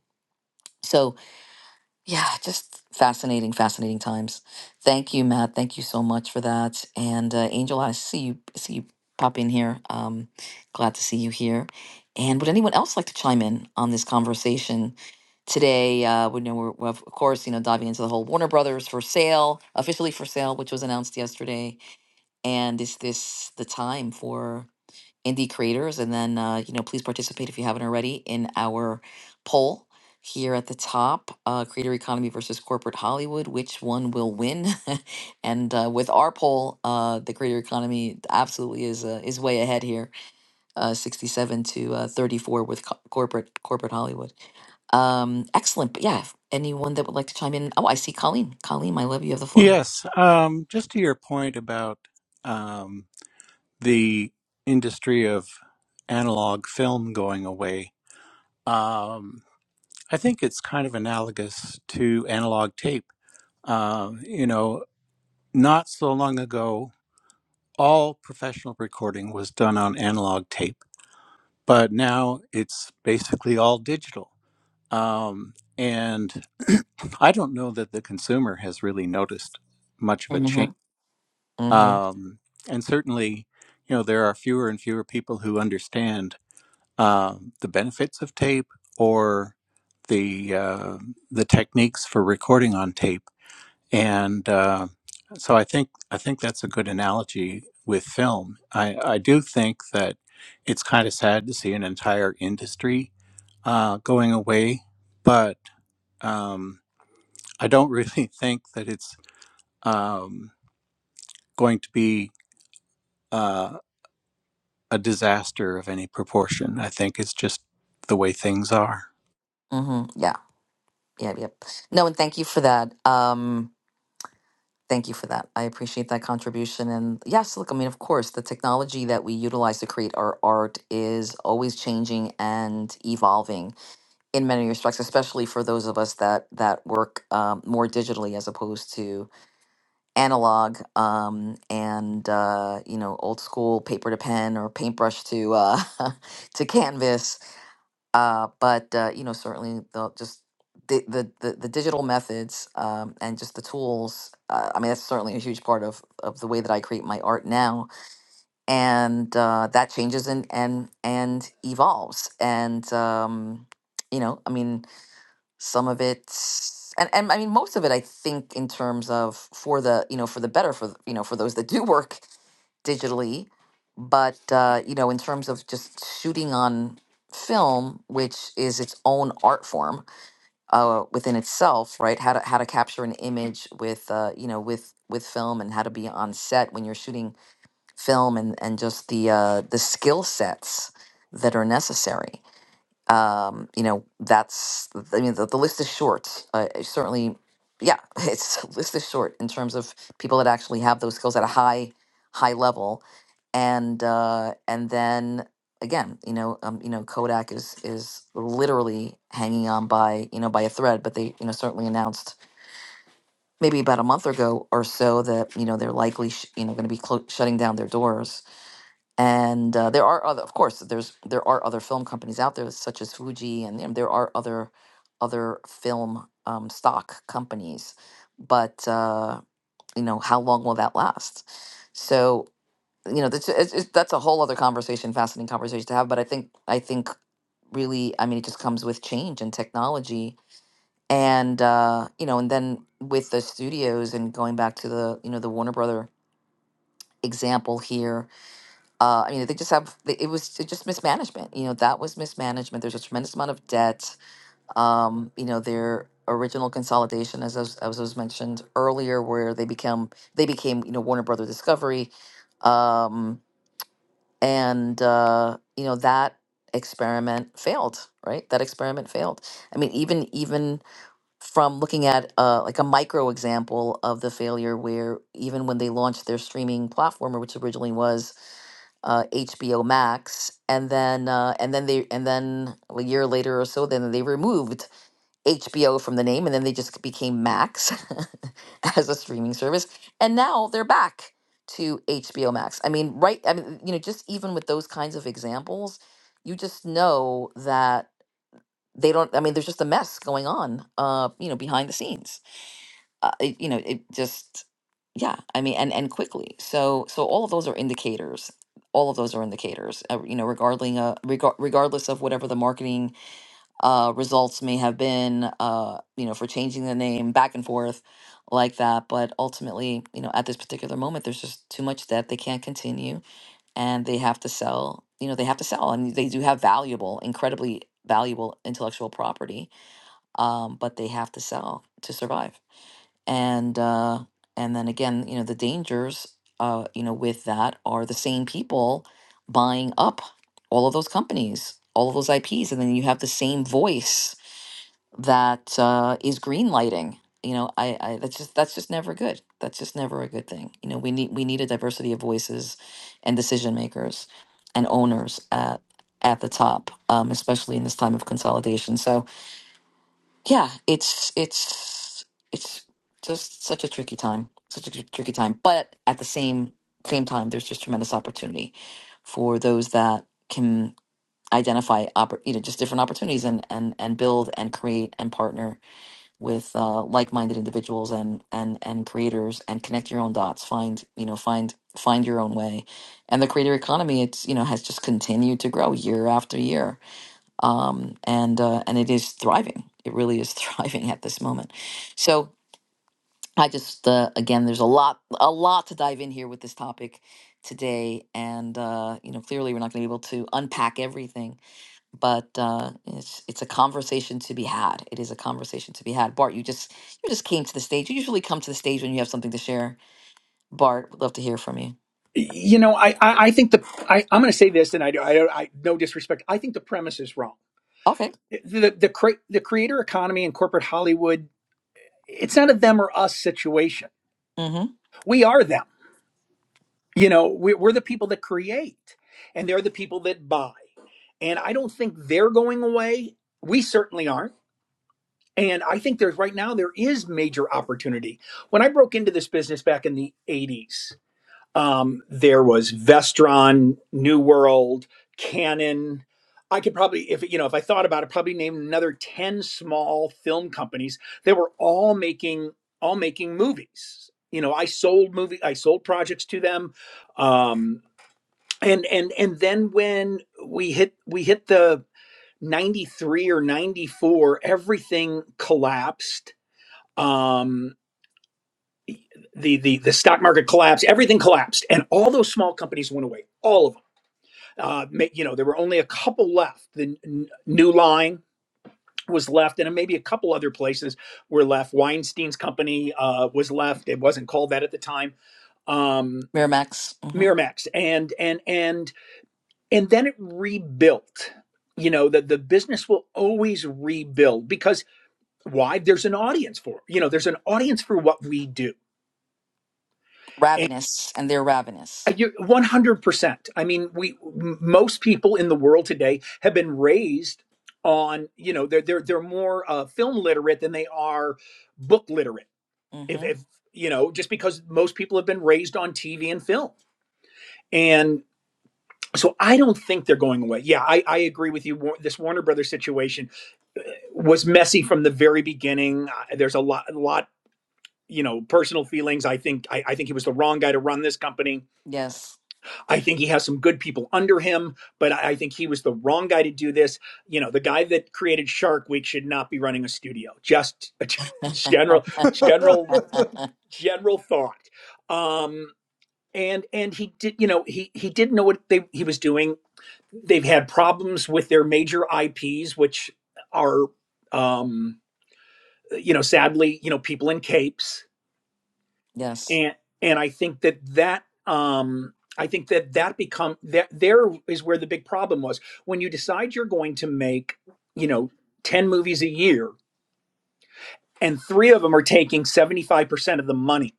S1: So yeah, just fascinating, fascinating times. Thank you, Matt. Thank you so much for that. And uh, Angel, I see you see you pop in here. Um, glad to see you here. And would anyone else like to chime in on this conversation today? Uh, we know we're, we're of course you know diving into the whole Warner Brothers for sale, officially for sale, which was announced yesterday. And is this the time for? indie creators. And then, uh, you know, please participate if you haven't already in our poll here at the top uh, creator economy versus corporate Hollywood. Which one will win? [LAUGHS] and uh, with our poll, uh, the creator economy absolutely is uh, is way ahead here uh, 67 to uh, 34 with co- corporate corporate Hollywood. Um, excellent. But yeah, if anyone that would like to chime in. Oh, I see Colleen. Colleen, I love you. Have the floor.
S6: Yes, um, just to your point about um, the industry of analog film going away, um, I think it's kind of analogous to analog tape. Um, you know, not so long ago, all professional recording was done on analog tape, but now it's basically all digital. Um, and [CLEARS THROAT] I don't know that the consumer has really noticed much of a change
S1: Mm-hmm. Mm-hmm.
S6: Um, and certainly, you know, there are fewer and fewer people who understand um, the benefits of tape or the uh, the techniques for recording on tape. And uh, so, I think I think that's a good analogy with film. I, I do think that it's kind of sad to see an entire industry uh, going away, but um, I don't really [LAUGHS] think that it's um, going to be. Uh, a disaster of any proportion. I think it's just the way things are.
S1: Mm-hmm. Yeah. Yeah. Yep. No, and thank you for that. Um, Thank you for that. I appreciate that contribution. And yes, look, I mean, of course, the technology that we utilize to create our art is always changing and evolving in many respects, especially for those of us that that work um, more digitally as opposed to analog um, and uh, you know old school paper to pen or paintbrush to uh, [LAUGHS] to canvas uh, but uh, you know certainly the just the the, the, the digital methods um, and just the tools uh, i mean that's certainly a huge part of of the way that i create my art now and uh, that changes and and and evolves and um, you know i mean some of it and, and i mean most of it i think in terms of for the you know for the better for the- you know for those that do work digitally, but uh, you know, in terms of just shooting on film, which is its own art form uh, within itself, right? How to how to capture an image with uh, you know with with film and how to be on set when you're shooting film and and just the uh, the skill sets that are necessary um, you know, that's, I mean, the, the list is short. Uh, it's certainly, yeah, [LAUGHS] it's the list is short in terms of people that actually have those skills at a high, high level. And, uh, and then again, you know, um, you know, Kodak is, is literally hanging on by, you know, by a thread, but they, you know, certainly announced maybe about a month ago or so that, you know, they're likely, sh- you know, going to be clo- shutting down their doors and uh, there are other of course there's there are other film companies out there such as fuji and, and there are other other film um, stock companies but uh, you know how long will that last so you know that's it's, it's, that's a whole other conversation fascinating conversation to have but i think i think really i mean it just comes with change and technology and uh, you know and then with the studios and going back to the you know the warner brother example here uh, I mean, they just have they- it was just mismanagement. You know, that was mismanagement. There's a tremendous amount of debt. Um, you know, their original consolidation, as I was, as was mentioned earlier, where they become they became you know Warner Brother Discovery, um, and uh, you know that experiment failed. Right, that experiment failed. I mean, even even from looking at uh, like a micro example of the failure, where even when they launched their streaming platform, which originally was uh, HBO Max, and then uh, and then they and then a year later or so, then they removed HBO from the name, and then they just became Max [LAUGHS] as a streaming service, and now they're back to HBO Max. I mean, right? I mean, you know, just even with those kinds of examples, you just know that they don't. I mean, there's just a mess going on, uh, you know, behind the scenes uh, it, you know it just yeah i mean and and quickly so so all of those are indicators all of those are indicators uh, you know regarding uh regar- regardless of whatever the marketing uh results may have been uh you know for changing the name back and forth like that but ultimately you know at this particular moment there's just too much debt. they can't continue and they have to sell you know they have to sell and they do have valuable incredibly valuable intellectual property um but they have to sell to survive and uh, and then again, you know, the dangers, uh, you know, with that are the same people buying up all of those companies, all of those IPs, and then you have the same voice that uh, is greenlighting. You know, I, I that's just that's just never good. That's just never a good thing. You know, we need we need a diversity of voices and decision makers and owners at at the top, um, especially in this time of consolidation. So yeah, it's it's it's just such a tricky time, such a tr- tricky time. But at the same same time, there's just tremendous opportunity for those that can identify, oppor- you know, just different opportunities and and and build and create and partner with uh, like-minded individuals and and and creators and connect your own dots. Find you know find find your own way, and the creator economy it's you know has just continued to grow year after year um, and uh, and it is thriving. It really is [LAUGHS] thriving at this moment. So I just uh, again, there's a lot a lot to dive in here with this topic today, and uh, you know clearly we're not going to be able to unpack everything, but uh, it's it's a conversation to be had. It is a conversation to be had. Bart, you just you just came to the stage. You usually come to the stage when you have something to share. Bart, would love to hear from you.
S7: you know, I, I, I think the I, I'm going to say this, and I, do- I, don't- I no disrespect. I think the premise is wrong.
S1: Okay.
S7: The the cre- the creator economy and corporate Hollywood, it's not a them or us situation.
S1: Mm-hmm.
S7: We are them. You know, we're, we're the people that create, and they're the people that buy. And I don't think they're going away. We certainly aren't. And I think there's right now there is major opportunity. When I broke into this business back in the 80s, Um, there was Vestron, New World, Canon. I could probably, if you know, if I thought about it, probably name another ten small film companies that were all making all making movies. You know, I sold movie, I sold projects to them, um, and and and then when we hit we hit the ninety three or ninety four, everything collapsed. Um, the the the stock market collapsed, everything collapsed, and all those small companies went away, all of them. Uh, you know, there were only a couple left. The New Line was left, and maybe a couple other places were left. Weinstein's company uh, was left; it wasn't called that at the time. Um,
S1: Miramax. Mm-hmm.
S7: Miramax, and and and and then it rebuilt. You know that the the business will always rebuild because why? There's an audience for it. you know. There's an audience for what we do
S1: Ravenous, and they're ravenous.
S7: 100%. I mean, we most people in the world today have been raised on, you know, they're they're they're more uh, film literate than they are book literate. If
S1: Mm-hmm.
S7: if you know, just because most people have been raised on TV and film. And so I don't think they're going away. Yeah, I, I agree with you. This Warner Brothers situation was messy from the very beginning. Uh, There's a lot, a lot, you know, personal feelings. I think I, I think he was the wrong guy to run this company
S1: Yes.
S7: I think he has some good people under him, but I think he was the wrong guy to do this. You know, the guy that created Shark Week should not be running a studio. Just a [LAUGHS] general, general,
S4: it.
S1: [LAUGHS]
S7: general thought. Um, and and he did, you know, he he didn't know what they he was doing. They've had problems with their major IPs, which are, um, you know, sadly, you know, people in capes.
S1: yes.
S7: and and I think that that um I think that that become that there is where the big problem was when you decide you're going to make you know ten movies a year and three of them are taking seventy five percent of the money.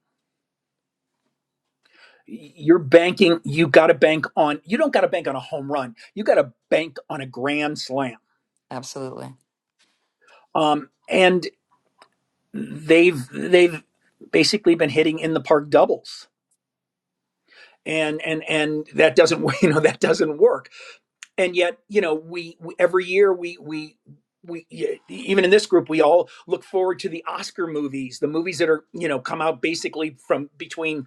S7: You're banking. You got to bank on. You don't got to bank on a home run. You got to bank on a grand slam.
S1: Absolutely.
S7: Um, and they've they've basically been hitting in the park doubles, and and and that doesn't [LAUGHS] you know that doesn't work and yet you know we, we every year we we we e- even in this group we all look forward to the oscar movies the movies that are you know come out basically from between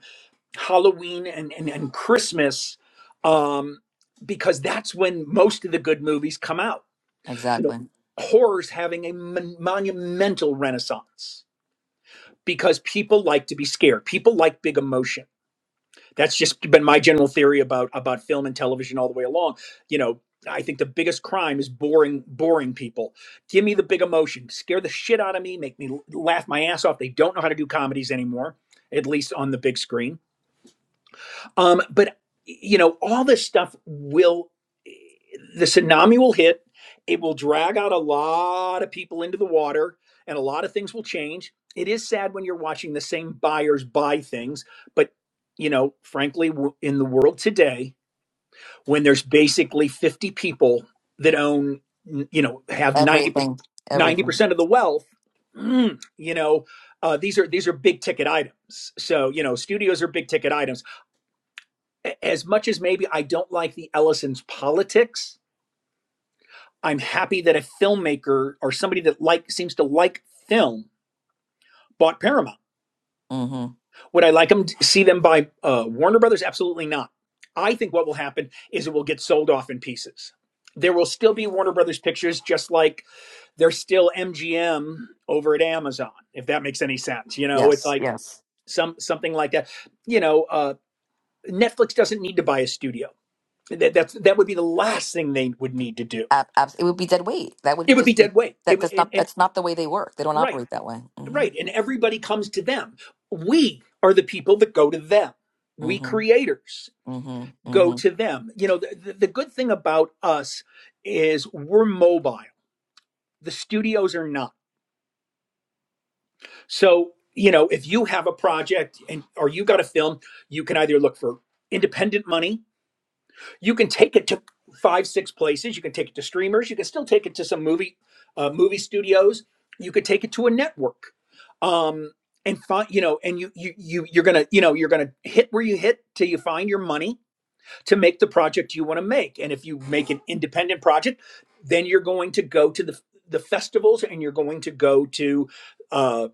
S7: halloween and and, and christmas um because that's when most of the good movies come out you know
S1: Exactly.
S7: horror's having a mon- monumental renaissance because people like to be scared people like big emotion that's just been my general theory about about film and television all the way along. You know, I think the biggest crime is boring boring people. Give me the big emotion, scare the shit out of me, make me laugh my ass off. They don't know how to do comedies anymore, at least on the big screen um, but you know, all this stuff will the tsunami will hit. It will drag out a lot of people into the water, and a lot of things will change. It is sad when you're watching the same buyers buy things, but you know, frankly, in the world today, when there's basically 50 people that own, you know, have 90 percent
S1: Everything. Everything.
S7: 90% of the wealth, mm, you know, uh, these are these are big ticket items. So you know, studios are big ticket items as much as maybe I don't like the Ellison's politics, I'm happy that a filmmaker or somebody that like seems to like film bought Paramount.
S1: hmm
S7: Would I like them to see them by uh, Warner Brothers? Absolutely not. I think what will happen is it will get sold off in pieces. There will still be Warner Brothers pictures, just like there's still MGM over at Amazon, if that makes any sense. You know, it's
S1: Yes.
S7: like
S1: Yes.
S7: some something like that. You know, uh, Netflix doesn't need to buy a studio that that's, that would be the last thing they would need to do
S1: Ab- abs- it would be dead weight. That would
S7: it
S1: be
S7: would be
S1: just be
S7: dead weight it,
S1: that.
S7: would-
S1: That's
S7: and,
S1: not.
S7: and
S1: That's not the way they work. They don't
S7: right
S1: operate that way. hmm
S7: right and everybody comes to them we are the people that go to them we
S1: hmm
S7: creators
S1: hmm
S7: go
S1: hmm
S7: to them you know the, the, the good thing about us is we're mobile the studios are not so you know if you have a project and or you got a film you can either look for independent money you can take it to five six places you can take it to streamers you can still take it to some movie uh, movie studios you could take it to a network um and find you know and you you, you you're gonna you know you're gonna hit where you hit till you find your money to make the project you want to make and if you make an independent project then you're going to go to the the festivals and you're going to go to uh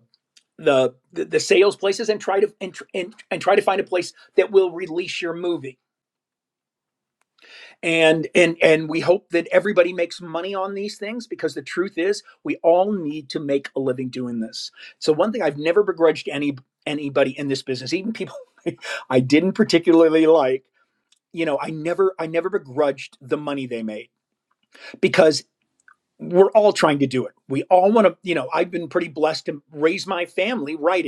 S7: the, the the sales places and try to and, and and try to find a place that will release your movie and and and we hope that everybody makes money on these things because the truth is we all need to make a living doing this so one thing i've never begrudged any anybody in this business even people [LAUGHS] i didn't particularly like you know i never i never begrudged the money they made because we're all trying to do it we all want to you know i've been pretty blessed to raise my family writing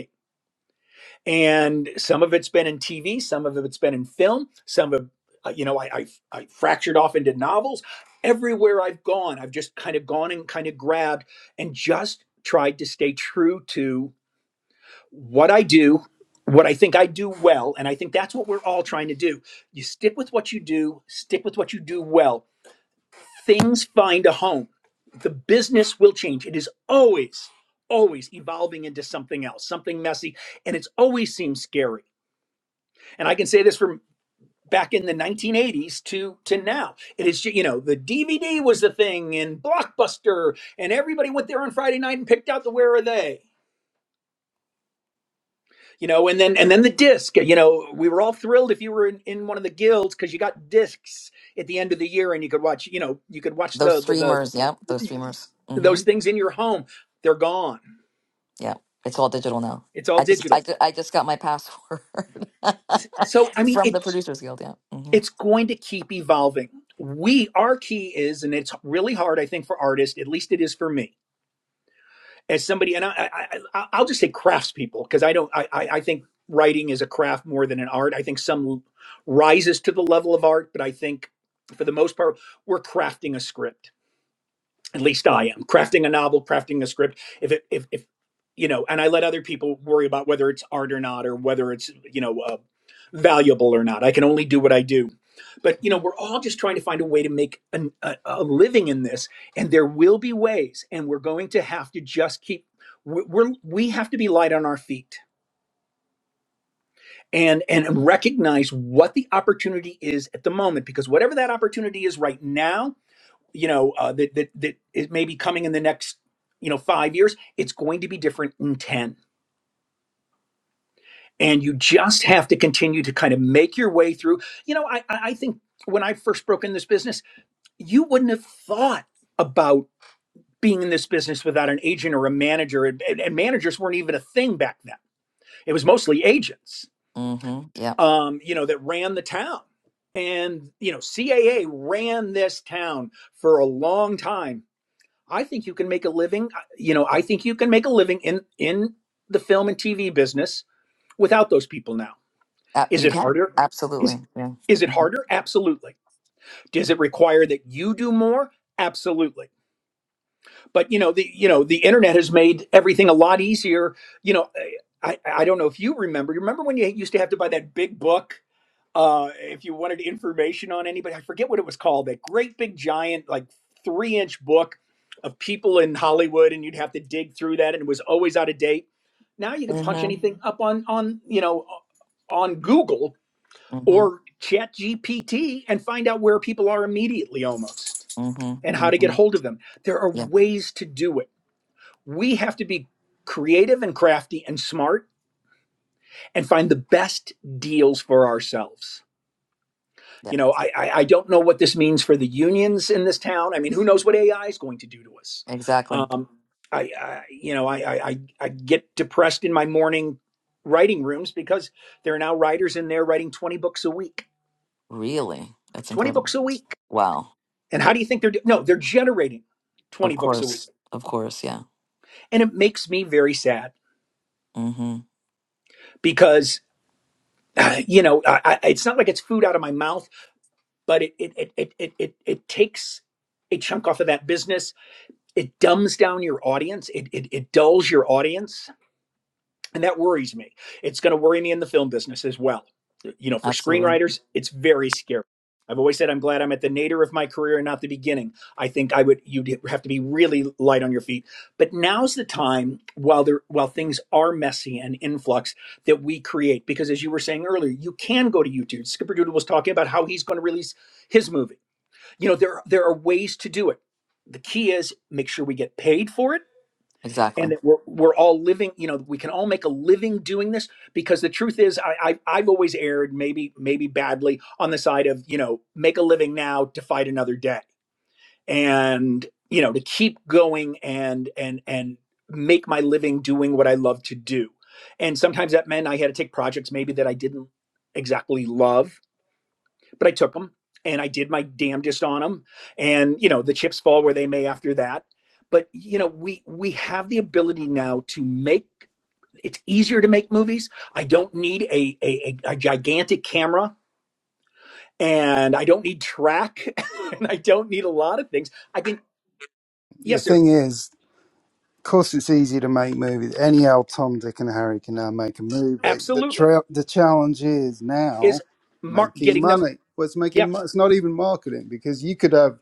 S7: and some of it's been in TV, some of it's been in film, some of uh, you know I, I I fractured off into novels. Everywhere I've gone, I've just kind of gone and kind of grabbed and just tried to stay true to what I do, what I think I do well, and I think that's what we're all trying to do. You stick with what you do, stick with what you do well. Things find a home. The business will change. It is always always evolving into something else, something messy, and it's always seems scary and I can say this from back in the 1980s to to now. It is you know the DVD was the thing and Blockbuster and everybody went there on Friday night and picked out the Where Are They. You know, and then and then the disc. You know, we were all thrilled if you were in, in one of the guilds because you got discs at the end of the year and you could watch. You know, you could watch
S1: Those
S7: the the,
S1: streamers. Yep. Those
S7: the
S1: streamers. Mm-hmm.
S7: those things in your home. They're gone.
S1: Yeah, it's all digital now.
S7: It's all
S1: I just I,
S7: digital.
S1: ju- I just got my password
S7: So I
S1: [LAUGHS]
S7: mean,
S1: from
S7: it.
S1: the Producers Guild. Yeah. hmm
S7: it's going to keep evolving. We, our key is, and it's really hard, I think, for artists. At least it is for me, as somebody, and I, I, I I'll just say craftspeople because I don't, I, I I think writing is a craft more than an art. I think some rises to the level of art, but I think for the most part, we're crafting a script at least I am crafting a novel, crafting a script. If it, if, if, you know, and I let other people worry about whether it's art or not, or whether it's, you know, uh, valuable or not. I can only do what I do. But, you know, we're all just trying to find a way to make an, a, a living in this. And there will be ways, and we're going to have to just keep, we're, we're, we have to be light on our feet. And, and recognize what the opportunity is at the moment because whatever that opportunity is right now you know uh, that that that is maybe coming in the next you know five years it's going to be different in 10 and you just have to continue to kind of make your way through you know i i I think when i first broke in this business you wouldn't have thought about being in this business without an agent or a manager and, and and managers weren't even a thing back then it was mostly agents
S1: hmm Yeah.
S7: um you know that ran the town and you know caa ran this town for a long time I think you can make a living. uh, You know, I think you can make a living in in the film and TV business without those people now.
S1: Uh,
S7: Is
S1: you
S7: it
S1: can
S7: harder? Is
S1: absolutely. Yeah.
S7: is it
S1: hmm
S7: harder? Absolutely. Does it require that you do more? Absolutely. But you know, the you know, the internet has made everything a lot easier. You know, I I don't know if you remember. You remember when you used to have to buy that big book uh, if you wanted information on anybody, I forget what it was called, that great big giant, like three inch book of people in Hollywood, and you'd have to dig through that, and it was always out of date. Now you can punch
S1: hmm
S7: anything up on on you know on Google
S1: hmm
S7: or Chat GPT and find out where people are immediately almost
S1: hmm
S7: and how to get
S1: hmm
S7: hold of them. There are
S1: Yeah.
S7: ways to do it. We have to be creative and crafty and smart and find the best deals for ourselves
S1: Yeah.
S7: You know, I, I, I don't know what this means for the unions in this town. I mean, who knows what AI is going to do to us?
S1: Exactly.
S7: Um, I, I you know, I, I, I get depressed in my morning writing rooms because there are now writers in there writing 20 books a week.
S1: Really, that's
S7: 20 books
S1: incredible.
S7: a week.
S1: Wow.
S7: And how do you think they're doing? No, they're generating
S1: Of
S7: 20 books a week.
S1: course. Of course. Yeah.
S7: And it makes me very sad
S1: hmm
S7: because, [SIGHS] uh, you know, I, I, it's not like it's food out of my mouth, but it, it, it, it, it, it, it takes a chunk off of that business it dumbs down your audience it, it it dulls your audience and that worries me it's going to worry me in the film business as well you know for
S1: Absolutely.
S7: screenwriters it's very scary i've always said i'm glad i'm at the nadir of my career and not the beginning i think i would you'd have to be really light on your feet but now's the time while there while things are messy and influx that we create because as you were saying earlier you can go to youtube skipper doodle was talking about how he's going to release his movie you know there there are ways to do it the key is make sure we get paid for it and
S1: Exactly.
S7: that we're, we're all living you know we can all make a living doing this because the truth is I, I i've always erred maybe maybe badly on the side of you know make a living now to fight another day and you know to keep going and and and make my living doing what i love to do and sometimes that meant i had to take projects maybe that i didn't exactly love but I took them and I did my damnedest on them. And you know, the chips fall where they may after that. But you know, we we have the ability now to make it's easier to make movies. I don't need a a, a, gigantic camera and I don't need track [LAUGHS] and I don't need a lot of things. I think
S8: the
S7: yes, sir,
S8: thing is, of course, it's easy to make movies. Any old Tom, Dick, and Harry can now make a movie. The
S7: absolutely.
S8: tra- the challenge is
S7: Is
S8: now
S7: Mark
S8: making
S7: getting them?
S8: money. Well, it's making
S7: Yep.
S8: mo- it's not even marketing because you could have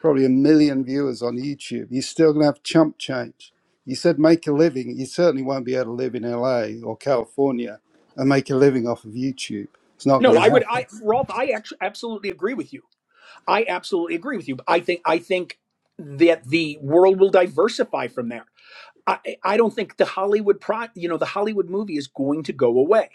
S8: probably a million viewers on YouTube. You're still gonna have chump change. You said make a living. You certainly won't be able to live in LA or California and make a living off of YouTube. It's not
S7: No,
S8: going to
S7: I would.
S8: happen.
S7: I Rolf, I actually absolutely agree with you. I absolutely agree with you. I think I think that the world will diversify from there. I, I don't think the Hollywood pro, you know, the Hollywood movie is going to go away.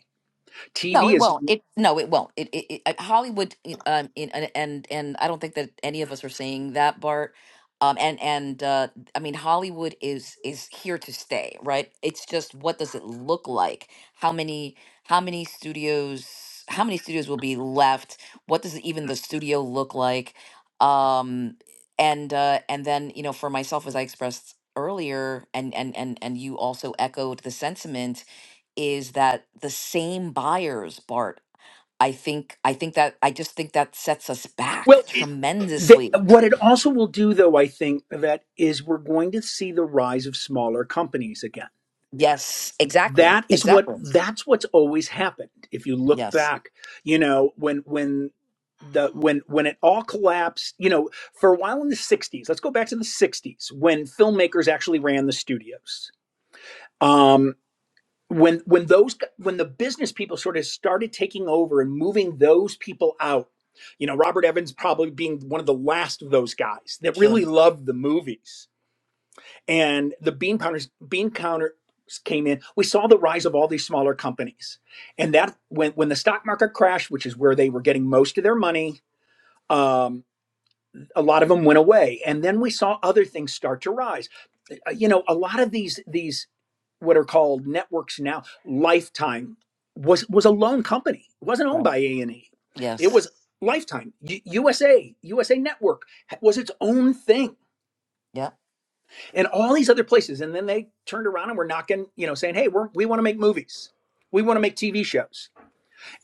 S1: No,
S7: TV
S1: it
S7: is
S1: won't. It no, it won't. It, it, it uh, Hollywood. it, Um, in, and and and I don't think that any of us are saying that, Bart. Um, and and uh, I mean, Hollywood is is here to stay, right? It's just what does it look like? How many how many studios? How many studios will be left? What does even the studio look like? Um, and uh, and then you know, for myself, as I expressed earlier, and and and and you also echoed the sentiment is that the same buyers, Bart. I think I think that I just think that sets us
S7: well.
S1: back
S7: It, the,
S1: tremendously.
S7: what it also will do, though, I think that is we're going to see the rise of smaller companies again.
S1: Yes, exactly.
S7: That is what
S1: Exactly.
S7: that's what's always happened. If you look
S1: Yes.
S7: back, you know, when when the when when it all collapsed, you know, for a while in the '60s. Let's go back to the '60s when filmmakers actually ran the studios. Um, when when those when the business people sort of started taking over and moving those people out you know robert evans probably being one of the last of those guys that
S1: Sure.
S7: really loved the movies and the bean counters bean counters came in we saw the rise of all these smaller companies and that when when the stock market crashed which is where they were getting most of their money um, a lot of them went away and then we saw other things start to rise Uh, you know a lot of these these what are called networks now, Lifetime was was a loan company. It wasn't owned
S1: Right.
S7: by A and E. It
S1: Yes.
S7: was Lifetime U- USA USA Network was its own thing,
S1: Yeah.
S7: and all these other places. And then they turned around and were knocking, you know, saying, "Hey, we're, we want to make movies. We want to make TV shows."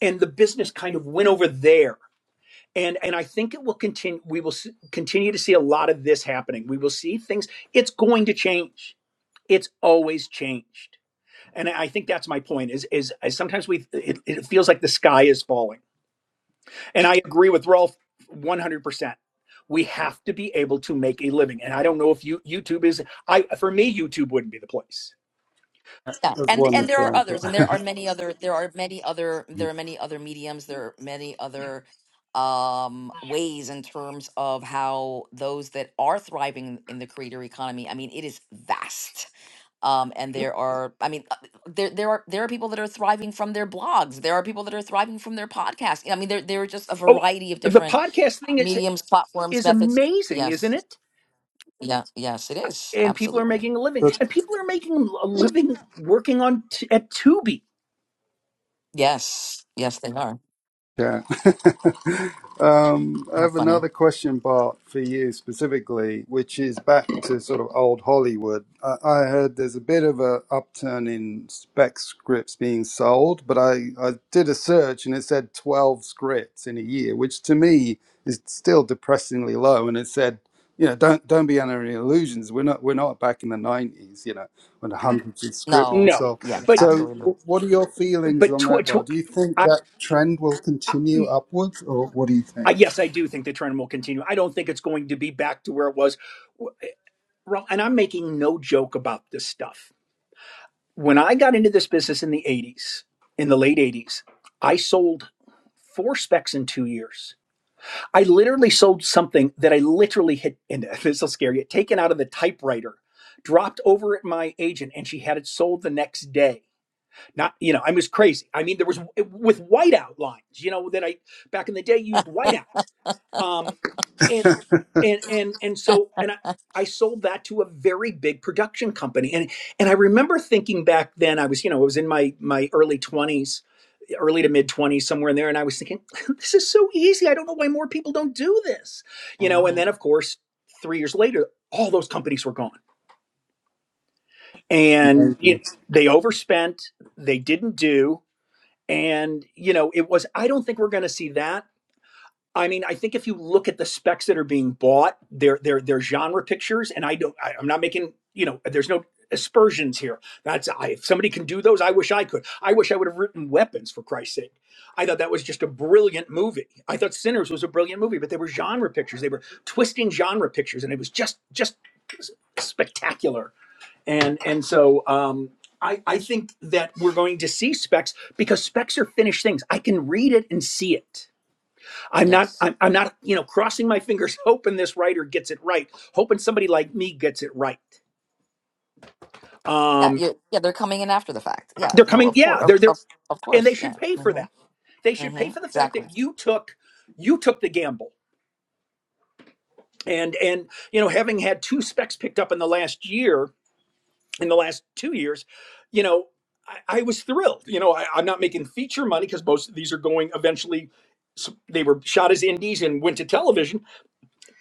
S7: And the business kind of went over there. And, and I think it will continue. We will s- continue to see a lot of this happening. We will see things. It's going to change. It's always changed and I think that's my point is is, is sometimes we it, it feels like the sky is falling. And I agree with Rolf 100%. We have to be able to make a living. And I don't know if you YouTube is I for me YouTube wouldn't be the place.
S1: Yeah.
S8: That's
S1: And
S8: one
S1: and there are
S8: example.
S1: others and there are many other there are many other there are many other mediums, there are many other um ways in terms of how those that are thriving in the creator economy, I mean it is vast um, and there are i mean uh, there there are there are people that are thriving from their blogs there are people that are thriving from their podcasts i mean there there are just a
S7: Oh,
S1: variety of
S7: the
S1: different
S7: podcast thing is
S1: mediums platforms
S7: is
S1: methods
S7: amazing, isn't
S1: yes
S7: it?
S1: yeah yes it is
S7: And people are
S1: absolutely
S7: making a living.
S8: [LAUGHS]
S7: And people are making a living working on t- at Tubi.
S1: yes yes they are
S8: Yeah. [LAUGHS] um, I
S1: how
S8: have
S1: funny
S8: another question, Bart, for you specifically, which is back to sort of old Hollywood. I, I heard there's a bit of a upturn in spec scripts being sold, but I, I did a search and it said 12 scripts in a year, which to me is still depressingly low. And it said you know, don't don't be under any illusions. We're not we're not back in the nineties, you know, when the hundreds of scripts were
S1: no
S7: No,
S8: sold.
S1: yeah
S7: but
S8: So,
S1: absolutely
S8: wh- what are your feelings
S7: but
S8: on
S7: tw-
S8: that, Bar?
S7: tw-
S8: Do you think
S7: I,
S8: that trend will
S7: I,
S8: continue upwards, or what do you
S7: I-
S8: think?
S7: yes, I do think the trend will continue. I don't think it's going to be back to where it was. Ro- And I'm making no joke about this stuff. When I got into this business in the 80s, in the late 80s, I sold four specs in two years. I literally sold something that I literally had, [LAUGHS] and this will scare you, taken out of the typewriter, dropped over at my agent, and she had it sold the next day. Not, you know, I was crazy. I mean, there was with whiteout lines, you know, that I back in the day used whiteout um and and and and so and I, I sold that to a very big production company and and I remember thinking back then I was you know I was in my my early 20s early to mid 20s somewhere in there and I was thinking [LAUGHS] this is so easy I don't know why more people don't do this you know and
S1: hmm
S7: then of course 3 years later all those companies were gone and you know,
S8: Amazing.
S7: they overspent they didn't do and you know it was I don't think we're going to see that I mean, I think if you look at the specs that are being bought, they're they're they're genre pictures, and I don't. I, I'm not making you know. There's no aspersions here. That's I, if somebody can do those, I wish I could. I wish I would have written Weapons for Christ's sake. I thought that was just a brilliant movie. I thought Sinners was a brilliant movie, but they were genre pictures. They were twisting genre pictures, and it was just just spectacular. And and so um, I I think that we're going to see specs because specs are finished things. I can read it and see it I'm not,
S1: yes
S7: I'm, I'm not, you know, crossing my fingers, [LAUGHS] hoping this writer gets it right, hoping somebody like me gets it right.
S1: yeah
S7: Um,
S1: you yeah they're coming in after the fact yeah
S7: they're
S1: no
S7: coming,
S1: of course
S7: yeah,
S1: of,
S7: they're they're,
S1: of of
S7: and they
S1: course yeah
S7: should pay for
S1: hmm
S7: that. They should pay
S1: hmm
S7: for the fact
S1: exactly
S7: that you took, you took the gamble, and and you know, having had two specs picked up in the last year, in the last two years, you know, I, I was thrilled. You know, I, I'm not making feature money because most of these are going eventually. So they were shot as indies and went to television,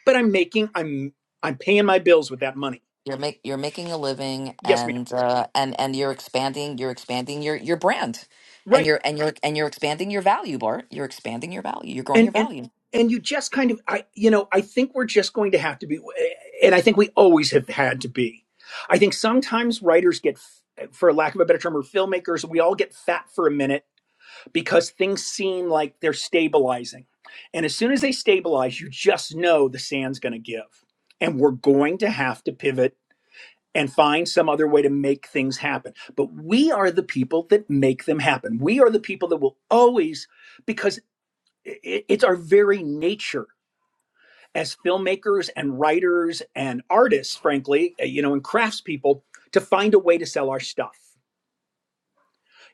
S7: but I'm making, I'm, I'm paying my bills with that money
S1: You're make you're making a living
S7: Yes, ma'am.
S1: and uh and and you're expanding you're expanding your your brand and
S7: Right.
S1: you're and you're and you're expanding your value, Bart. You're expanding your value. You're growing
S7: And
S1: your
S7: and
S1: value.
S7: and you just kind of I you know, I think we're just going to have to be and I think we always have had to be. I think sometimes writers get f- for lack of a better term or filmmakers, we all get fat for a minute because things seem like they're stabilizing. And as soon as they stabilize, you just know the sand's going to give. And we're going to have to pivot and find some other way to make things happen. But we are the people that make them happen. We are the people that will always because it's our very nature as filmmakers and writers and artists, frankly, uh, you know, and craftspeople to find a way to sell our stuff.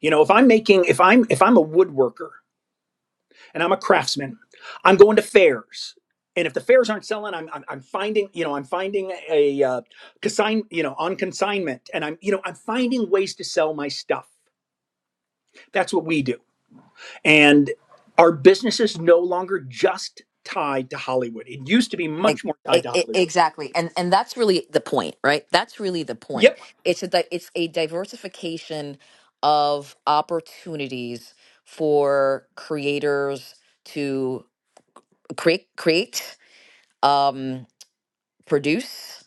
S7: You know, if I'm making, if I'm, if I'm a woodworker and I'm a craftsman, I'm going to fairs. And if the fairs aren't selling, I'm, I'm, I'm finding, you know, I'm finding a uh, consign, you know, on consignment, and I'm, you know, I'm finding ways to sell my stuff. That's what we do And our business is no longer just tied to Hollywood. It used to be
S1: E-
S7: much more tied
S1: e-
S7: to
S1: e-
S7: Hollywood.
S1: Exactly. And and that's really the point, right? That's really the point.
S7: Yep,
S1: It's a di- it's a diversification of opportunities for creators to create create. Um produce,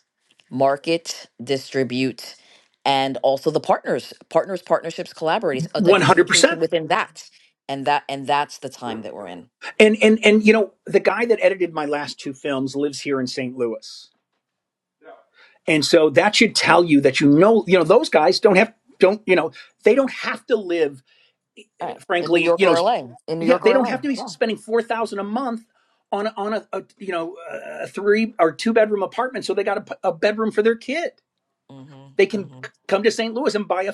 S1: market, distribute, and also the partners, partners, partnerships, collaborators, a diversification
S7: 100%.
S1: within that. And that and that's the time that we're in.
S7: And and and you know, the guy that edited my last two films lives here in St. Louis. And so that should tell you that you know, you know, those guys don't have don't, you know, they don't have to live
S1: All right. In New
S7: frankly, you
S1: York
S7: know,
S1: or LA. In New
S7: yeah,
S1: York
S7: they
S1: or
S7: don't
S1: LA.
S7: have to be
S1: Yeah.
S7: spending 4,000 a month on a, on a, a you know, a three or two bedroom apartment so they got a, a bedroom for their kid they
S1: Mm-hmm.
S7: can
S1: Mm-hmm.
S7: come to St. Louis and buy a,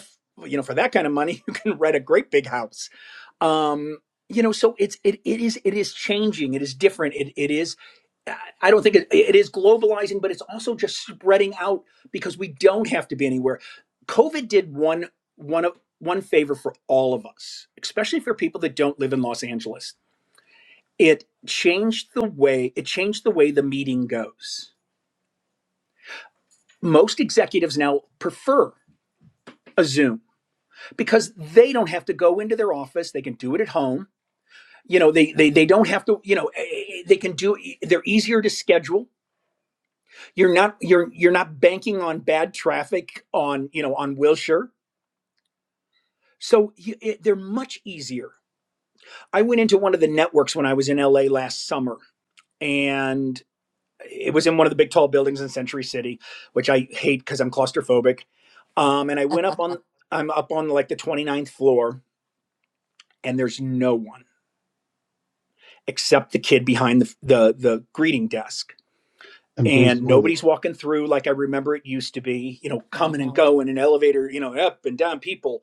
S7: you know for that kind of money [LAUGHS] you can rent a great big house. Um, you know, so it's it it is it is changing. It is different. It it is. I don't think it, it is globalizing, but it's also just spreading out because we don't have to be anywhere. COVID did one one of one favor for all of us, especially for people that don't live in Los Angeles. It changed the way it changed the way the meeting goes. Most executives now prefer a Zoom because they don't have to go into their office they can do it at home you know they they, they don't have to you know eh, eh, they can do e, they're easier to schedule you're not you're you're not banking on bad traffic on you know on wilshire so it, they're much easier i went into one of the networks when i was in la last summer and it was in one of the big tall buildings in century city which i hate because i'm claustrophobic um, and i went up on i'm up on like the 29th floor and there's no one except the kid behind the the, the greeting desk
S8: And Bruce
S7: and
S8: Willis.
S7: nobody's walking through like I remember it used to be, you know, coming and
S1: Mm-hmm.
S7: going in an elevator, you know, up and down people.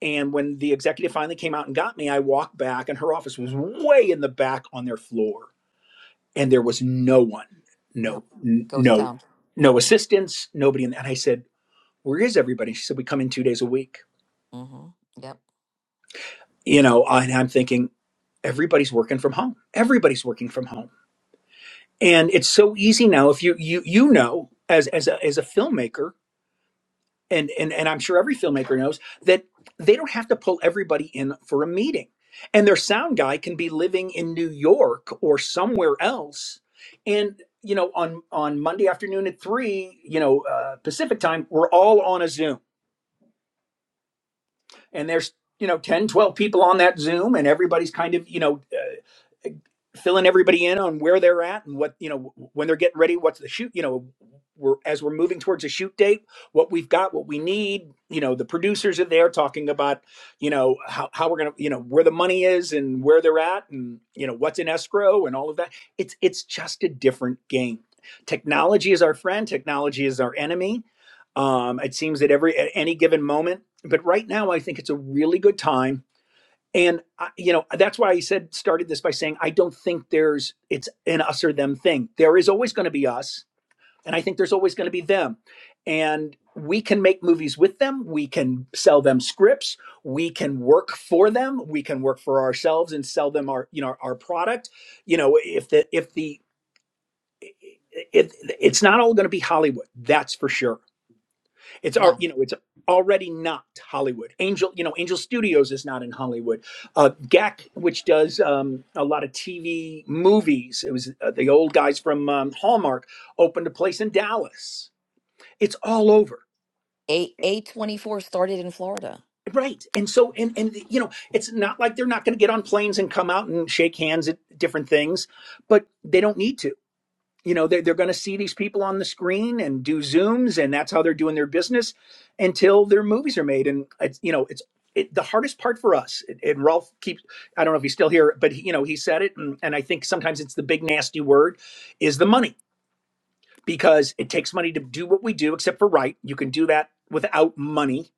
S7: And when the executive finally came out and got me, I walked back and her office was way in the back on their floor and there was no one.
S1: Yeah.
S7: No
S1: Ghost
S7: no
S1: town.
S7: no
S1: Mm-hmm.
S7: assistants, nobody in the, and I said, "Where is everybody?" She said, "We come in 2 days a week."
S1: Mm-hmm. Yep.
S7: You know, and I'm thinking everybody's working from home. Everybody's working from home and it's so easy now if you you you know as as a, as a filmmaker and, and and i'm sure every filmmaker knows that they don't have to pull everybody in for a meeting and their sound guy can be living in new york or somewhere else and you know on on monday afternoon at three you know uh, pacific time we're all on a zoom and there's you know 10 12 people on that zoom and everybody's kind of you know uh, filling everybody in on where they're at and what you know when they're getting ready what's the shoot you know we're as we're moving towards a shoot date what we've got what we need you know the producers are there talking about you know how, how we're gonna you know where the money is and where they're at and you know what's in escrow and all of that it's it's just a different game technology is our friend technology is our enemy um, it seems at every at any given moment. But right now, I think it's a really good time, and I, you know that's why I said started this by saying I don't think there's it's an us or them thing. There is always going to be us, and I think there's always going to be them, and we can make movies with them. We can sell them scripts. We can work for them. We can work for ourselves and sell them our you know our product. You know if the if the if it's not all going to be Hollywood, that's for sure it's our,
S1: No.
S7: you know, it's already not Hollywood. Angel, you know, Angel Studios is not in Hollywood. Uh, GAC, which does um, a lot of TV movies, it was uh, the old guys from um, Hallmark opened a place in Dallas. It's all over.
S1: A A twenty four started in Florida.
S7: Right. And so, and, and, you know, it's not like they're not going to get on planes and come out and shake hands at different things, but they don't need to you know they're, they're going to see these people on the screen and do zooms and that's how they're doing their business until their movies are made and it's you know it's it, the hardest part for us and and Rolf keeps I don't know if he's still here but he, you know he said it and, and I think sometimes it's the big nasty word is the money because it takes money to do what we do except for right you can do that without money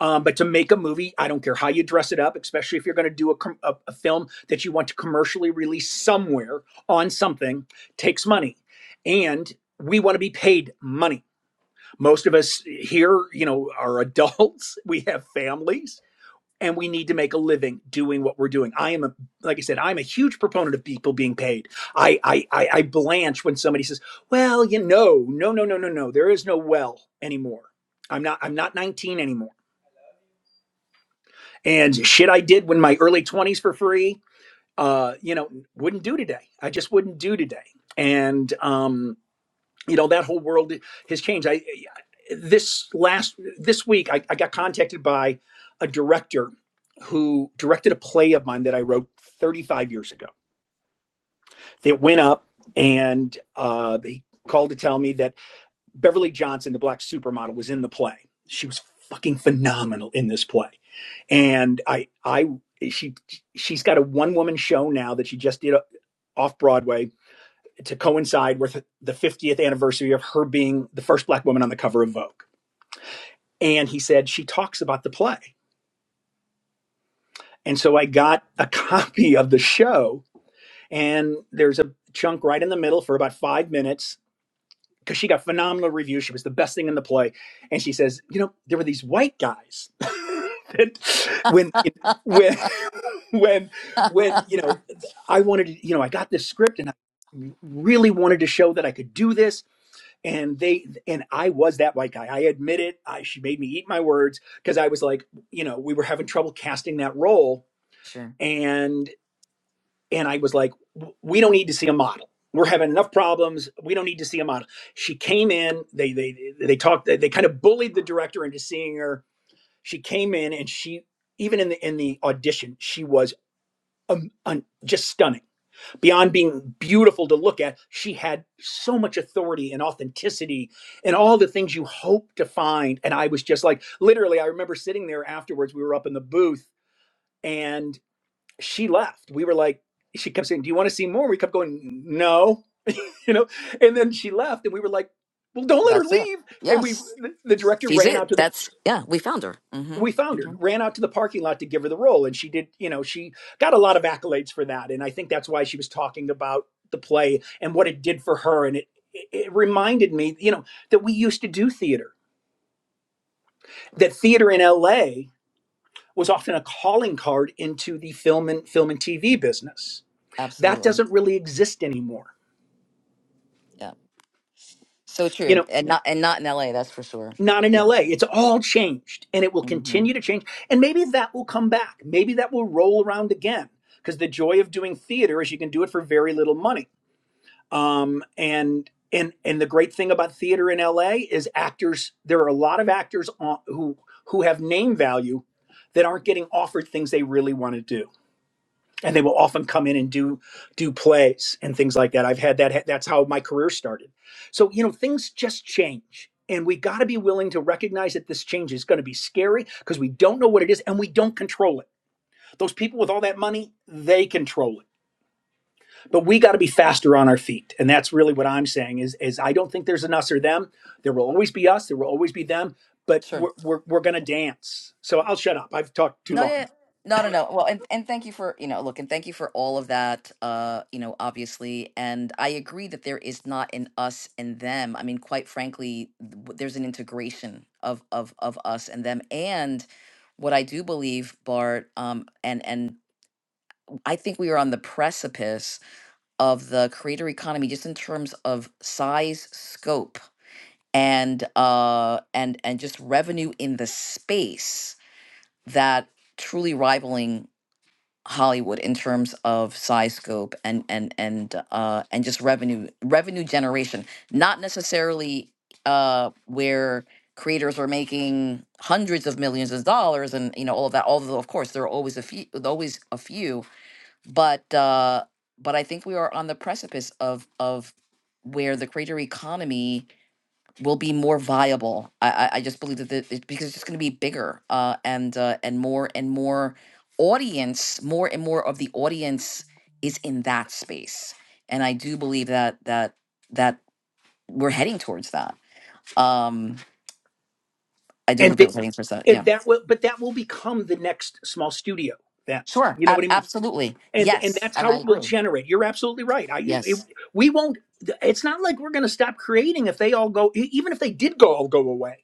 S7: um, but to make a movie, I don't care how you dress it up, especially if you're going to do a, com- a, a film that you want to commercially release somewhere on something, takes money. And we want to be paid money. Most of us here, you know, are [LAUGHS] adults, we have families, and we need to make a living doing what we're doing. I am a, like I said, I'm a huge proponent of people being paid. I, I, I, I blanch when somebody says, well, you know, no, no, no, no, no, there is no well anymore. I'm not, I'm not 19 anymore and shit I did when my early 20s for free, uh, you know, wouldn't do today. I just wouldn't do today. And um, you know, that whole world has changed. I this last this week I, I got contacted by a director who directed a play of mine that I wrote 35 years ago. That went up and uh, they called to tell me that Beverly Johnson, the black supermodel, was in the play. She was fucking phenomenal in this play and I I she she's got a one woman show now that she just did uh, off Broadway to coincide with the 50th anniversary of her being the first black woman on the cover of Vogue. And he said she talks about the play. And so I got a [LAUGHS] copy of the show and there's a chunk right in the middle for about 5 minutes because she got phenomenal reviews. She was the best thing in the play, and she says, you know, there were these white guys [LAUGHS] that when when [LAUGHS] when when you know I wanted to, you know I got this script and I really wanted to show that I could do this, and they and I was that white guy. I admit it. I she made me eat my words because I was like, you know, we were having trouble casting that role.
S1: Sure.
S7: and." And I was like, we don't need to see a model. We're having enough problems. We don't need to see a model. She came in, they they they talked they, they kind of bullied the director into seeing her. She came in and she even in the in the audition, she was um, un, just stunning. Beyond being beautiful to look at, she had so much authority and authenticity and all the things you hope to find and I was just like literally I remember sitting there afterwards we were up in the booth and she left. We were like, she kept saying, "Do you want to see more?" We kept going, "No," [LAUGHS] you know. And then she left, and we were like, "Well, don't let her
S1: That's it.
S7: leave." And we,
S1: Yes.
S7: the, the director
S1: She's
S7: ran
S1: it.
S7: out to the,
S1: That's yeah, we found her. Mm-hmm.
S7: we found her,
S1: Mm-hmm.
S7: ran out to the parking lot to give her the role, and she did. You know, she got a lot of accolades for that, and I think that's why she was talking about the play and what it did for her, and it it reminded me, you know, that we used to do theater,
S1: Right.
S7: that theater in L.A. was often a calling card into the film and film and TV business. That
S1: Absolutely.
S7: doesn't really exist anymore
S1: Yeah. So
S7: you
S1: true,
S7: know
S1: and not and not in L.A. That's for sure.
S7: not in
S1: Yeah.
S7: LA it's all changed and it will
S1: hmm
S7: continue to change and maybe that will come back maybe that will roll around again because the joy of doing theater is you can do it for very little money um and and and the great thing about theater in LA is actors there are a lot of actors on, who who have name value that aren't getting offered things they really want to do and they will often come in and do do plays and things like that. I've had that. That's how my career started. So you know, things just change, and we got to be willing to recognize that this change is going to be scary because we don't know what it is and we don't control it. Those people with all that money, they control it. But we got to be faster on our feet, and that's really what I'm saying. Is is I don't think there's an us or them. There will always be us. There will always be them. But
S1: Sure.
S7: we're we're, we're going to dance. So I'll shut up. I've talked too
S1: No.
S7: long.
S1: Yeah. No. No. No. Well, and and thank you for you know look and thank you for all of that. Uh, you know, obviously, and I agree that there is not an us and them. I mean, quite frankly, th- w- there's an integration of of of us and them, and what I do believe, Bart, um, and and I think we are on the precipice of the creator economy, just in terms of size, scope and uh and and just revenue in the space that truly rivaling Hollywood in terms of size scope and and and uh and just revenue revenue generation not necessarily uh where creators are making hundreds of millions of dollars and you know all of that although of course there are always a few always a few but uh but I think we are on the precipice of of where the creator economy will be more viable. I I, I just believe that the, it, because it's just going to be bigger uh, and uh, and more and more audience, more and more of the audience is in that space, and I do believe that that that we're heading towards that. Um, I do
S7: and
S1: believe that we're
S7: th-
S1: heading towards that.
S7: and
S1: Yeah,
S7: that will but that will become the next small studio That
S1: sure,
S7: you know what
S1: ab-
S7: i mean
S1: absolutely,
S7: and and
S1: yes,
S7: that's
S1: and
S7: how
S1: I
S7: it will
S1: agree.
S7: generate you're absolutely right i it,
S1: Yes.
S7: we won't it's not like we're going to stop creating if they all go e- even if they did go all go away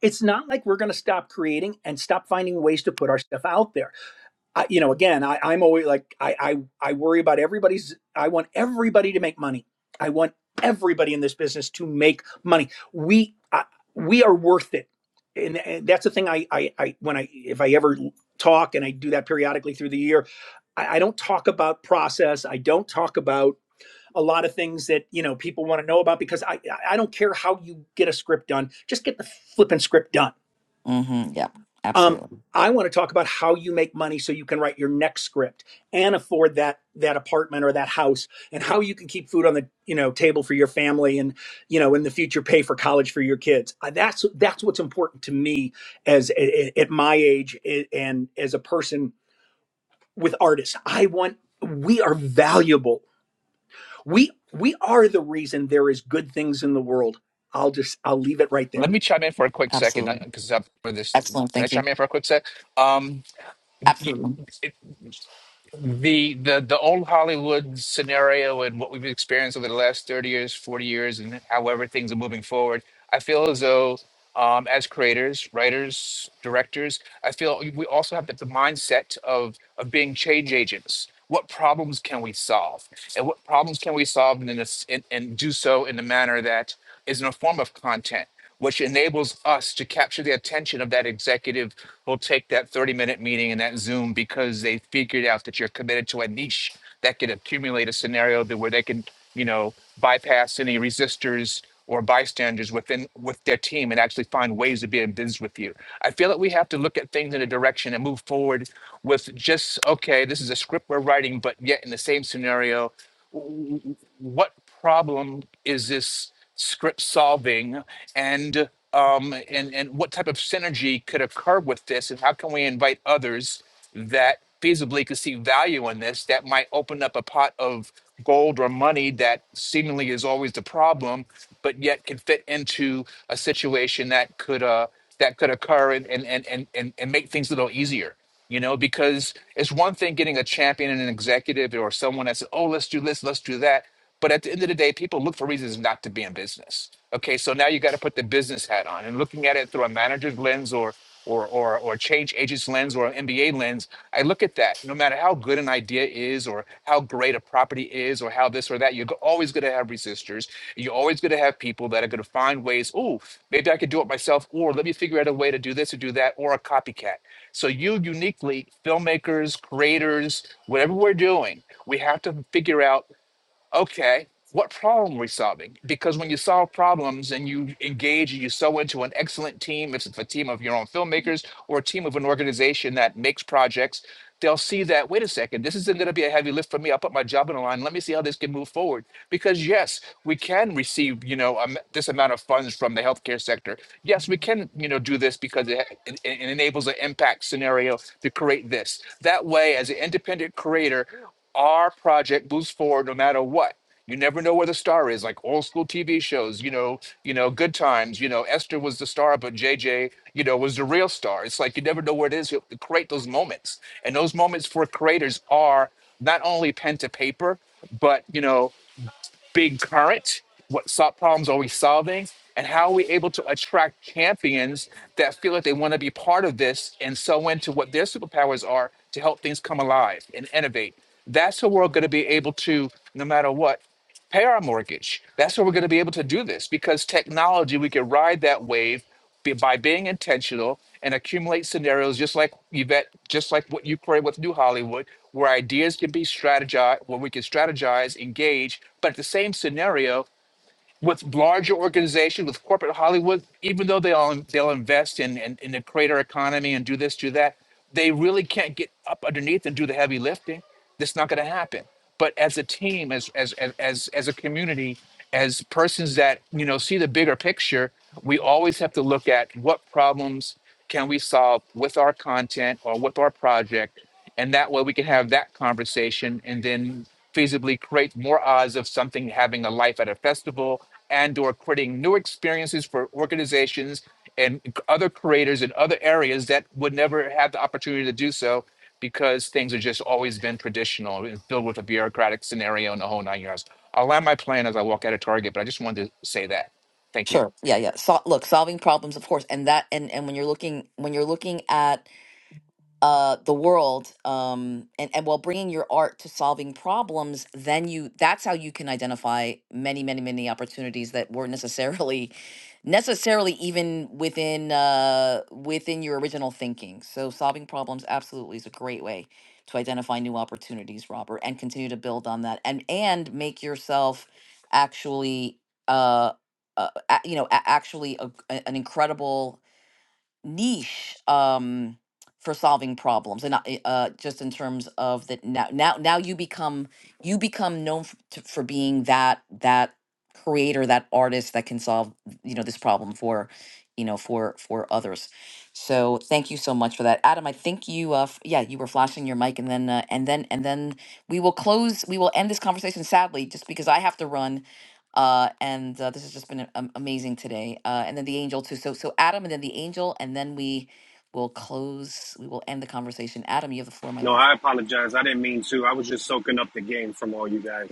S7: it's not like we're going to stop creating and stop finding ways to put our stuff out there I, you know, again, I, I'm always like, I, I, I worry about everybody's, I want everybody to make money. I want everybody in this business to make money. We, I, we are worth it. And, and that's the thing I, I, I, when I, if I ever talk and I do that periodically through the year, I, I don't talk about process. I don't talk about a lot of things that, you know, people want to know about because I I don't care how you get a script done. Just get the flipping script done
S1: Mm-hmm. Yep.
S7: um,
S1: Absolutely.
S7: I want to talk about how you make money so you can write your next script and afford that that apartment or that house and how you can keep food on the you know table for your family and you know in the future pay for college for your kids. Uh, That's that's what's important to me as a- a- at my age a- and as a person with artists. I want we are valuable. We we are the reason there is good things in the world. I'll just I'll leave it right there.
S2: Let me chime in for a quick second
S1: Absolutely.
S2: because I'm for this.
S1: Excellent.
S2: Can I
S1: Thank you.
S2: chime in for a quick sec? Um,
S1: Absolutely.
S2: the the the old Hollywood scenario and what we've experienced over the last 30 years, 40 years, and however things are moving forward, I feel as though um, as creators, writers, directors, I feel we also have the, the mindset of of being change agents. What problems can we solve, and what problems can we solve, and, in this, and, and do so in a manner that is in a form of content, which enables us to capture the attention of that executive will take that 30 minute meeting and that Zoom because they figured out that you're committed to a niche that could accumulate a scenario that where they can, you know, bypass any resistors or bystanders within with their team and actually find ways to be in business with you. I feel that we have to look at things in a direction and move forward with just okay, this is a script we're writing, but yet in the same scenario what problem is this script solving and um, and and what type of synergy could occur with this and how can we invite others that feasibly could see value in this that might open up a pot of gold or money that seemingly is always the problem but yet can fit into a situation that could uh, that could occur and and and and, and, and make things a little easier. You know, because it's one thing getting a champion and an executive or someone that says, "Oh, let's do this, let's do that," but at the end of the day, people look for reasons not to be in business. Okay, so now you got to put the business hat on and looking at it through a manager's lens or or or or change agents lens or an MBA lens, I look at that. No matter how good an idea is, or how great a property is, or how this or that, you're go- always going to have resistors. You're always going to have people that are going to find ways. Oh, maybe I could do it myself, or let me figure out a way to do this or do that, or a copycat. So you uniquely, filmmakers, creators, whatever we're doing, we have to figure out okay, what problem are we solving? Because when you solve problems and you engage and you sew into an excellent team, if it's a team of your own filmmakers or a team of an organization that makes projects, they'll see that, wait a second, this isn't going to be a heavy lift for me. I'll put my job on the line. Let me see how this can move forward. Because yes, we can receive, you know, um, this amount of funds from the healthcare sector. Yes, we can, you know, do this because it, it, it enables an impact scenario to create this. That way, as an independent creator, our project moves forward no matter what. You never know where the star is, like old school TV shows, you know, you know, good times, you know, Esther was the star, but JJ, you know, was the real star. It's like you never know where it is. You have to create those moments. And those moments for creators are not only pen to paper, but you know, big current, what sol- problems are we solving, and how are we able to attract champions that feel like they want to be part of this and so into what their superpowers are to help things come alive and innovate. That's how we're going to be able to, no matter what pay our mortgage. That's where we're going to be able to do this because technology, we can ride that wave be- by being intentional and accumulate scenarios just like Yvette, just like what you created with New Hollywood, where ideas can be strategized, where we can strategize, engage, but at the same scenario with larger organizations, with corporate Hollywood, even though they all they'll invest in, in in the creator economy and do this, do that, they really can't get up underneath and do the heavy lifting. That's not going to happen. But as a team, as as as as as a community, as persons that you know see the bigger picture, we always have to look at what problems can we solve with our content or with our project and that way we can have that conversation and then feasibly create more odds of something having a life at a festival and or creating new experiences for organizations and other creators in other areas that would never have the opportunity to do so because things have just always been traditional and filled with a bureaucratic scenario and the whole nine yards. I'll land my plane as I walk out of Target, but I just wanted to say that. Thank you.
S1: Sure. Yeah, yeah. So, look, solving problems, of course, and that, and and when you're looking when you're looking at uh the world um and and while bringing your art to solving problems then you that's how you can identify many many many opportunities that weren't necessarily necessarily even within uh within your original thinking so solving problems absolutely is a great way to identify new opportunities robert and continue to build on that and and make yourself actually uh, uh a- you know a- actually a, a- an incredible niche um, for solving problems, and I- uh, just in terms of that now, now, now you become you become known f- to, for being that that creator, that artist that can solve you know this problem for you know for for others. So thank you so much for that, Adam. I think you uh, f- yeah you were flashing your mic, and then uh, and then and then we will close. We will end this conversation sadly, just because I have to run uh, and uh, this has just been a- am- amazing today. Uh, and then the angel too. So so Adam, and then the angel, and then we will close. We will end the conversation. Adam, you have the floor, my
S9: No,
S1: love.
S9: I apologize. I didn't mean to. I was just soaking up the game from all you guys.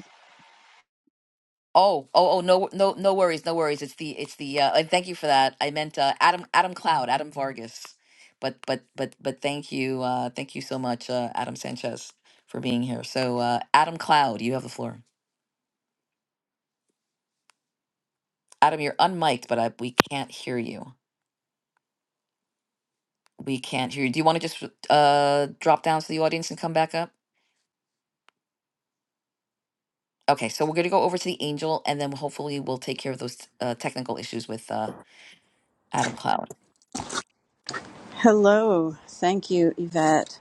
S1: Oh oh oh no no no worries no worries. It's the it's the uh, and thank you for that. I meant uh, Adam Adam Cloud Adam Vargas. But but but but thank you uh, thank you so much uh, Adam Sanchez for being here. So uh, Adam Cloud, you have the floor. Adam, you're unmiked, but I, we can't hear you. We can't hear you. Do you want to just uh, drop down to the audience and come back up? Okay, so we're going to go over to the angel, and then hopefully we'll take care of those uh, technical issues with uh, Adam Cloud.
S10: Hello. Thank you, Yvette.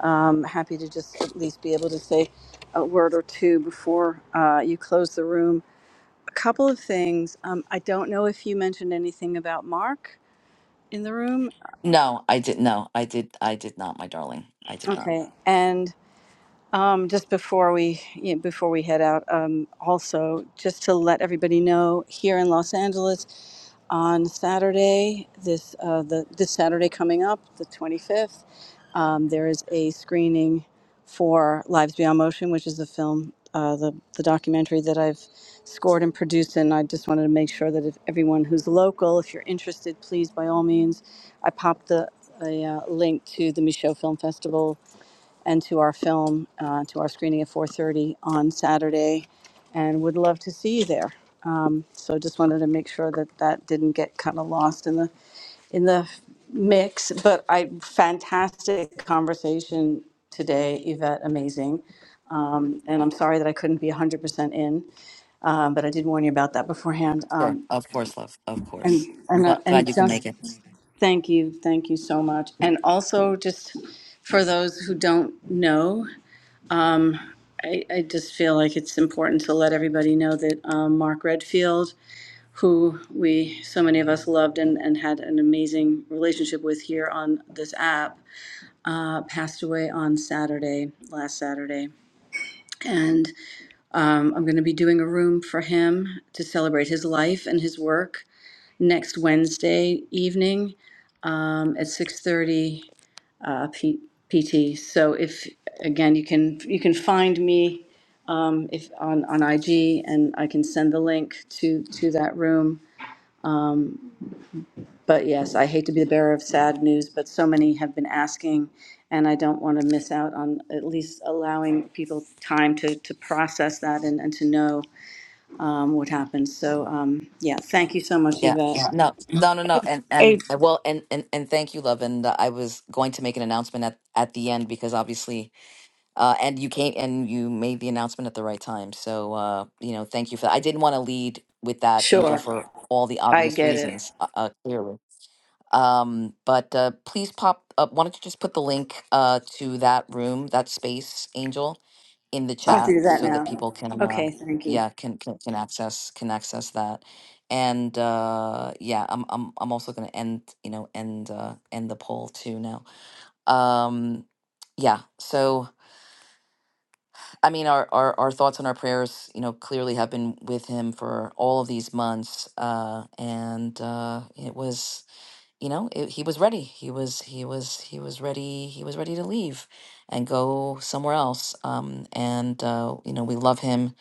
S10: Um, happy to just at least be able to say a word or two before uh, you close the room. A couple of things. Um, I don't know if you mentioned anything about Mark in the room.
S1: No, I did. No, I did. I did not, my darling. I did not.
S10: Okay. And um, just before we you know, before we head out, um, also just to let everybody know here in Los Angeles on Saturday this uh, the this Saturday coming up the 25th, um, there is a screening for Lives Beyond Motion, which is the film, uh, the, the documentary that I've scored and produced. And I just wanted to make sure that if everyone who's local, if you're interested, please, by all means, I popped the a uh, link to the Michaud Film Festival and to our film, uh, to our screening at 4:30 on Saturday and would love to see you there. Um, so just wanted to make sure that that didn't get kind of lost in the in the mix. But I fantastic conversation today, Yvette. Amazing, and I'm sorry that I couldn't be 100% in, um, but I did warn you about that beforehand.
S1: Sure,
S10: Um,
S1: of course, love, of
S10: and
S1: course. I'm
S10: and uh,
S1: gl- glad
S10: and
S1: you can
S10: just
S1: make it.
S10: thank you, thank you so much. And also just for those who don't know, I, I just feel like it's important to let everybody know that um, Mark Redfield who we, so many of us loved and, and had an amazing relationship with here on this app, uh, passed away on Saturday, last Saturday. And um, I'm going to be doing a room for him to celebrate his life and his work next Wednesday evening um, at 6:30 uh, P- PT. So if again you can you can find me um, if on on IG and I can send the link to to that room. But yes, I hate to be the bearer of sad news, but so many have been asking, and I don't want to miss out on at least allowing people time to, to process that and, and to know um, what happened. So, um, yeah, thank you so much,
S1: Yeah.
S10: Yvette.
S1: No, no, no, no. And
S11: Hey,
S1: and and well, and and and thank you, love. And uh, I was going to make an announcement at at the end because obviously, uh, and you came and you made the announcement at the right time. So, uh, you know, thank you for that. I didn't want to lead with that, Angel,
S10: Sure,
S1: for all the
S10: I
S1: obvious
S10: get it.
S1: reasons, uh, uh, clearly. Um, but uh, please pop up. Why don't you just put the link uh, to that room, that space, Angel, in the
S10: I'll
S1: chat
S10: do that
S1: so that
S10: now.
S1: people can, Okay. uh,
S10: Okay, thank you.
S1: yeah, can, can can access can access that. And uh, yeah, I'm I'm I'm also gonna end you know end uh, end the poll too now. Um, yeah, so I mean, our, our our thoughts and our prayers, you know, clearly have been with him for all of these months, uh, and uh, it was you know it, he was ready he was he was he was ready he was ready to leave and go somewhere else um and uh you know we love him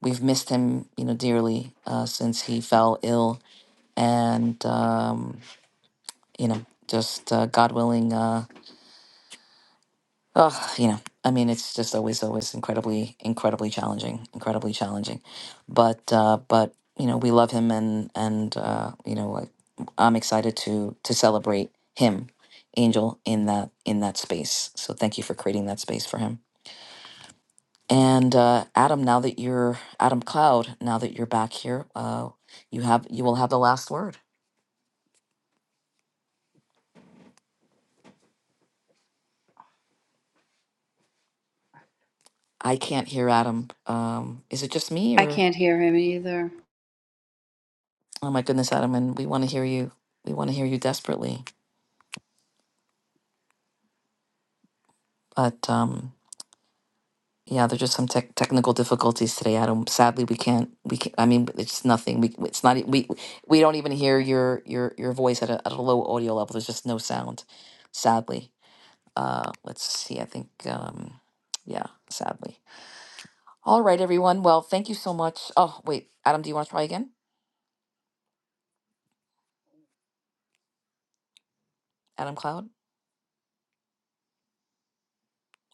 S1: we've missed him you know dearly uh since he fell ill and um you know just uh, god willing uh, Oh, you know, I mean, it's just always, always incredibly, incredibly challenging, incredibly challenging. But, uh, but you know, we love him, and and uh, you know, like, I'm excited to to celebrate him, Angel, in that in that space. So thank you for creating that space for him. And uh, Adam, now that you're Adam Cloud, now that you're back here, uh, you have you will have the last word. I can't hear Adam. Um, is it just me,
S10: I
S1: or
S10: can't hear him either.
S1: oh my goodness, Adam? And we want to hear you. We want to hear you desperately. but um yeah there's just some tech technical difficulties today adam sadly we can't we can i mean it's nothing we it's not e- we we don't even hear your your your voice at a, at a low audio level there's just no sound sadly uh let's see i think um yeah sadly all right everyone well thank you so much oh wait adam do you want to try again adam cloud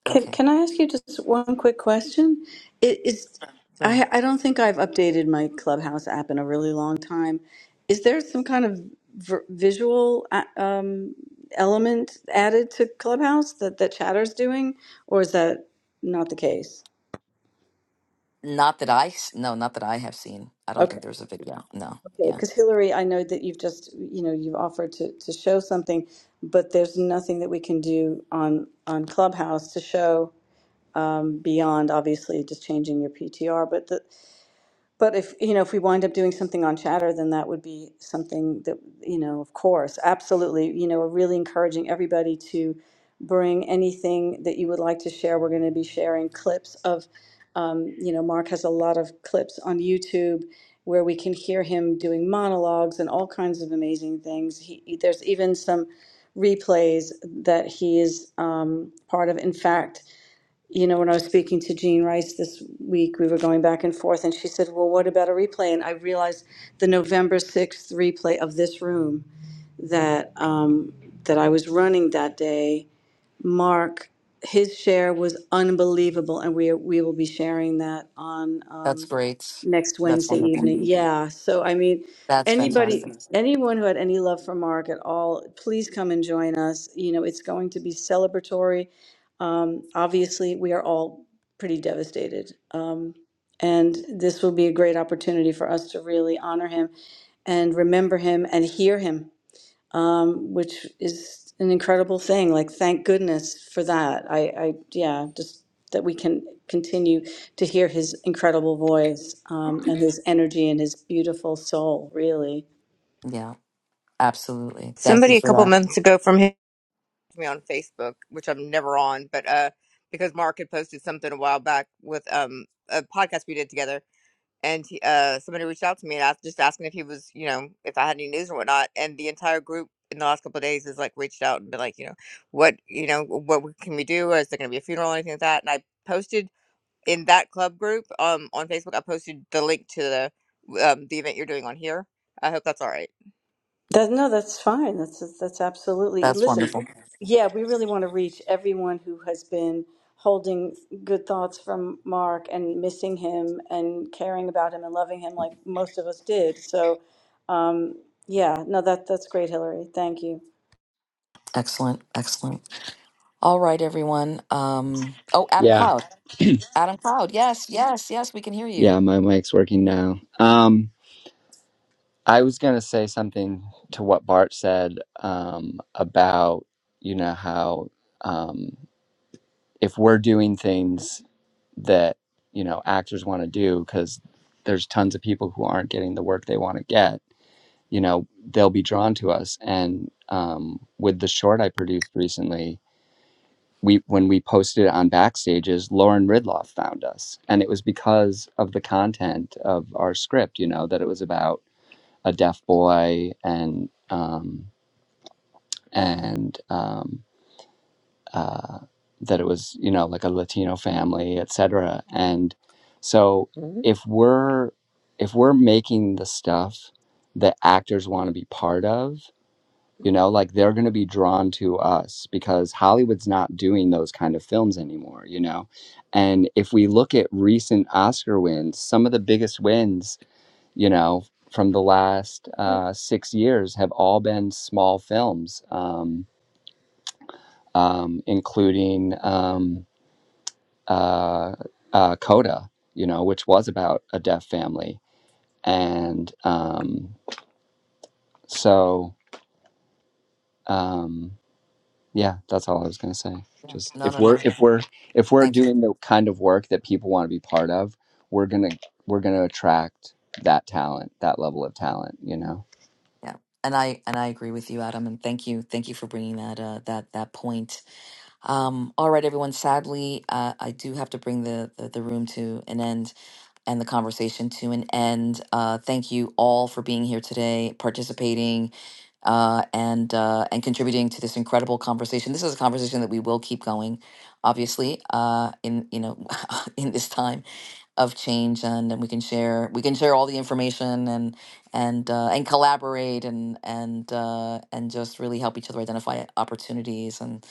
S10: Can
S1: okay
S10: can I ask you just one quick question? It is
S1: Sure.
S10: I I don't think I've updated my Clubhouse app in a really long time. Is there some kind of v- visual uh, um, element added to Clubhouse that that Chatter's doing, or is that not the case?
S1: not that i s- no not that i have seen i don't
S10: Okay,
S1: think there's a video no
S10: okay.
S1: yeah
S10: Because Hillary, I know that you've just you know you've offered to to show something, but there's nothing that we can do on on Clubhouse to show beyond obviously just changing your PTR, but the But if, you know, if we wind up doing something on Chatter, then that would be something that, you know, of course, absolutely, you know, we're really encouraging everybody to bring anything that you would like to share. We're going to be sharing clips of, um, you know, Mark has a lot of clips on YouTube where we can hear him doing monologues and all kinds of amazing things. He, there's even some replays that he is um, part of. In fact, you know, when I was speaking to Jean Rice this week, we were going back and forth, and she said, Well, what about a replay? And I realized the November 6th replay of this room that, um, that I was running that day, Mark, his share was unbelievable, and we, we will be sharing that on. Um,
S1: that's great
S10: next
S1: that's
S10: Wednesday
S1: wonderful
S10: evening. Yeah, so I mean,
S1: that's fantastic
S10: anybody, anyone who had any love for Mark at all, please come and join us. You know, it's going to be celebratory. Um, obviously, we are all pretty devastated. Um, and this will be a great opportunity for us to really honor him and remember him and hear him um, which is an incredible thing. Like, thank goodness for that. I, I, yeah, just that we can continue to hear his incredible voice um, and his energy and his beautiful soul. Really,
S1: yeah Absolutely. Thank you
S11: somebody a
S1: for
S11: couple
S1: that.
S11: months ago from him me on Facebook, which I'm never on, but uh, because Mark had posted something a while back with um a podcast we did together, and he, uh, somebody reached out to me and asked, just asking if he was, you know, if I had any news or whatnot, and the entire group in the last couple of days has like reached out and been like, you know, what, you know, what we- can we do? Is there going to be a funeral or anything like that? And I posted in that club group um on Facebook, I posted the link to the um the event you're doing on here. I hope that's all right.
S10: that no, that's fine. That's that's absolutely.
S1: That's
S10: Listen,
S1: wonderful.
S10: yeah, we really want to reach everyone who has been holding good thoughts from Mark and missing him and caring about him and loving him like most of us did. So, um, yeah, no, that that's great, Hillary. Thank you.
S1: Excellent. Excellent. All right, everyone. Um, oh, Adam
S12: Yeah,
S1: Cloud. Adam Cloud. Yes, yes, yes. We can hear you.
S12: yeah, my mic's working now. Um, I was gonna say something to what Bart said um, about you know how um, if we're doing things that you know actors want to do because there's tons of people who aren't getting the work they want to get, you know, they'll be drawn to us. And um, with the short I produced recently, we when we posted it on backstages lauren ridloff found us and it was because of the content of our script you know that it was about a deaf boy and um and um uh that it was you know like a latino family et cetera. and so Mhm. if we're if we're making the stuff that actors want to be part of you know like they're going to be drawn to us because hollywood's not doing those kind of films anymore you know and if we look at recent oscar wins some of the biggest wins you know from the last uh, six years have all been small films um, um, including um, uh, uh, coda you know which was about a deaf family and um, so um, Yeah, that's all I was gonna say.
S1: Yeah.
S12: Just
S1: No,
S12: if
S1: no,
S12: we're
S1: no.
S12: if we're if we're
S1: Thank you.
S12: doing the kind of work that people want to be part of, we're gonna we're gonna attract that talent, that level of talent, you know.
S1: Yeah. And I and I agree with you, Adam. And thank you, thank you for bringing that uh, that that point. Um, all right, everyone. Sadly, uh, I do have to bring the, the the room to an end and the conversation to an end. Uh, thank you all for being here today, participating, uh, and uh, and contributing to this incredible conversation. This is a conversation that we will keep going, obviously, uh, in you know [LAUGHS] in this time of change, and, and we can share we can share all the information and and uh, and collaborate and and uh, and just really help each other identify opportunities and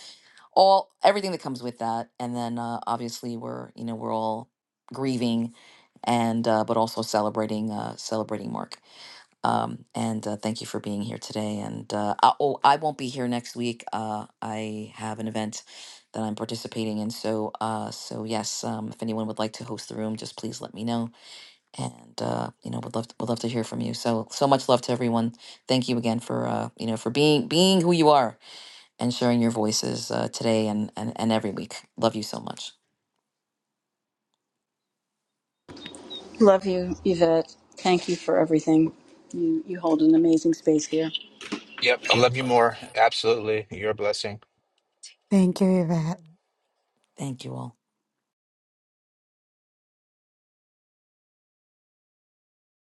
S1: all everything that comes with that. And then uh, obviously we're you know we're all grieving and uh, but also celebrating uh, celebrating Mark. Um, and uh, thank you for being here today. And uh, I, oh, I won't be here next week. Uh, I have an event that I'm participating in. So, uh, so yes, um, if anyone would like to host the room, just please let me know. And uh, you know, would love to, would love to hear from you. So, so much love to everyone. Thank you again for uh, you know for being being who you are and sharing your voices uh, today and, and and every week. Love you so much.
S10: Love you, Yvette. Thank you for everything. You you hold an amazing space here.
S2: Yep, I love you more. Absolutely. You're a blessing.
S13: Thank you, Yvette.
S1: Thank you all.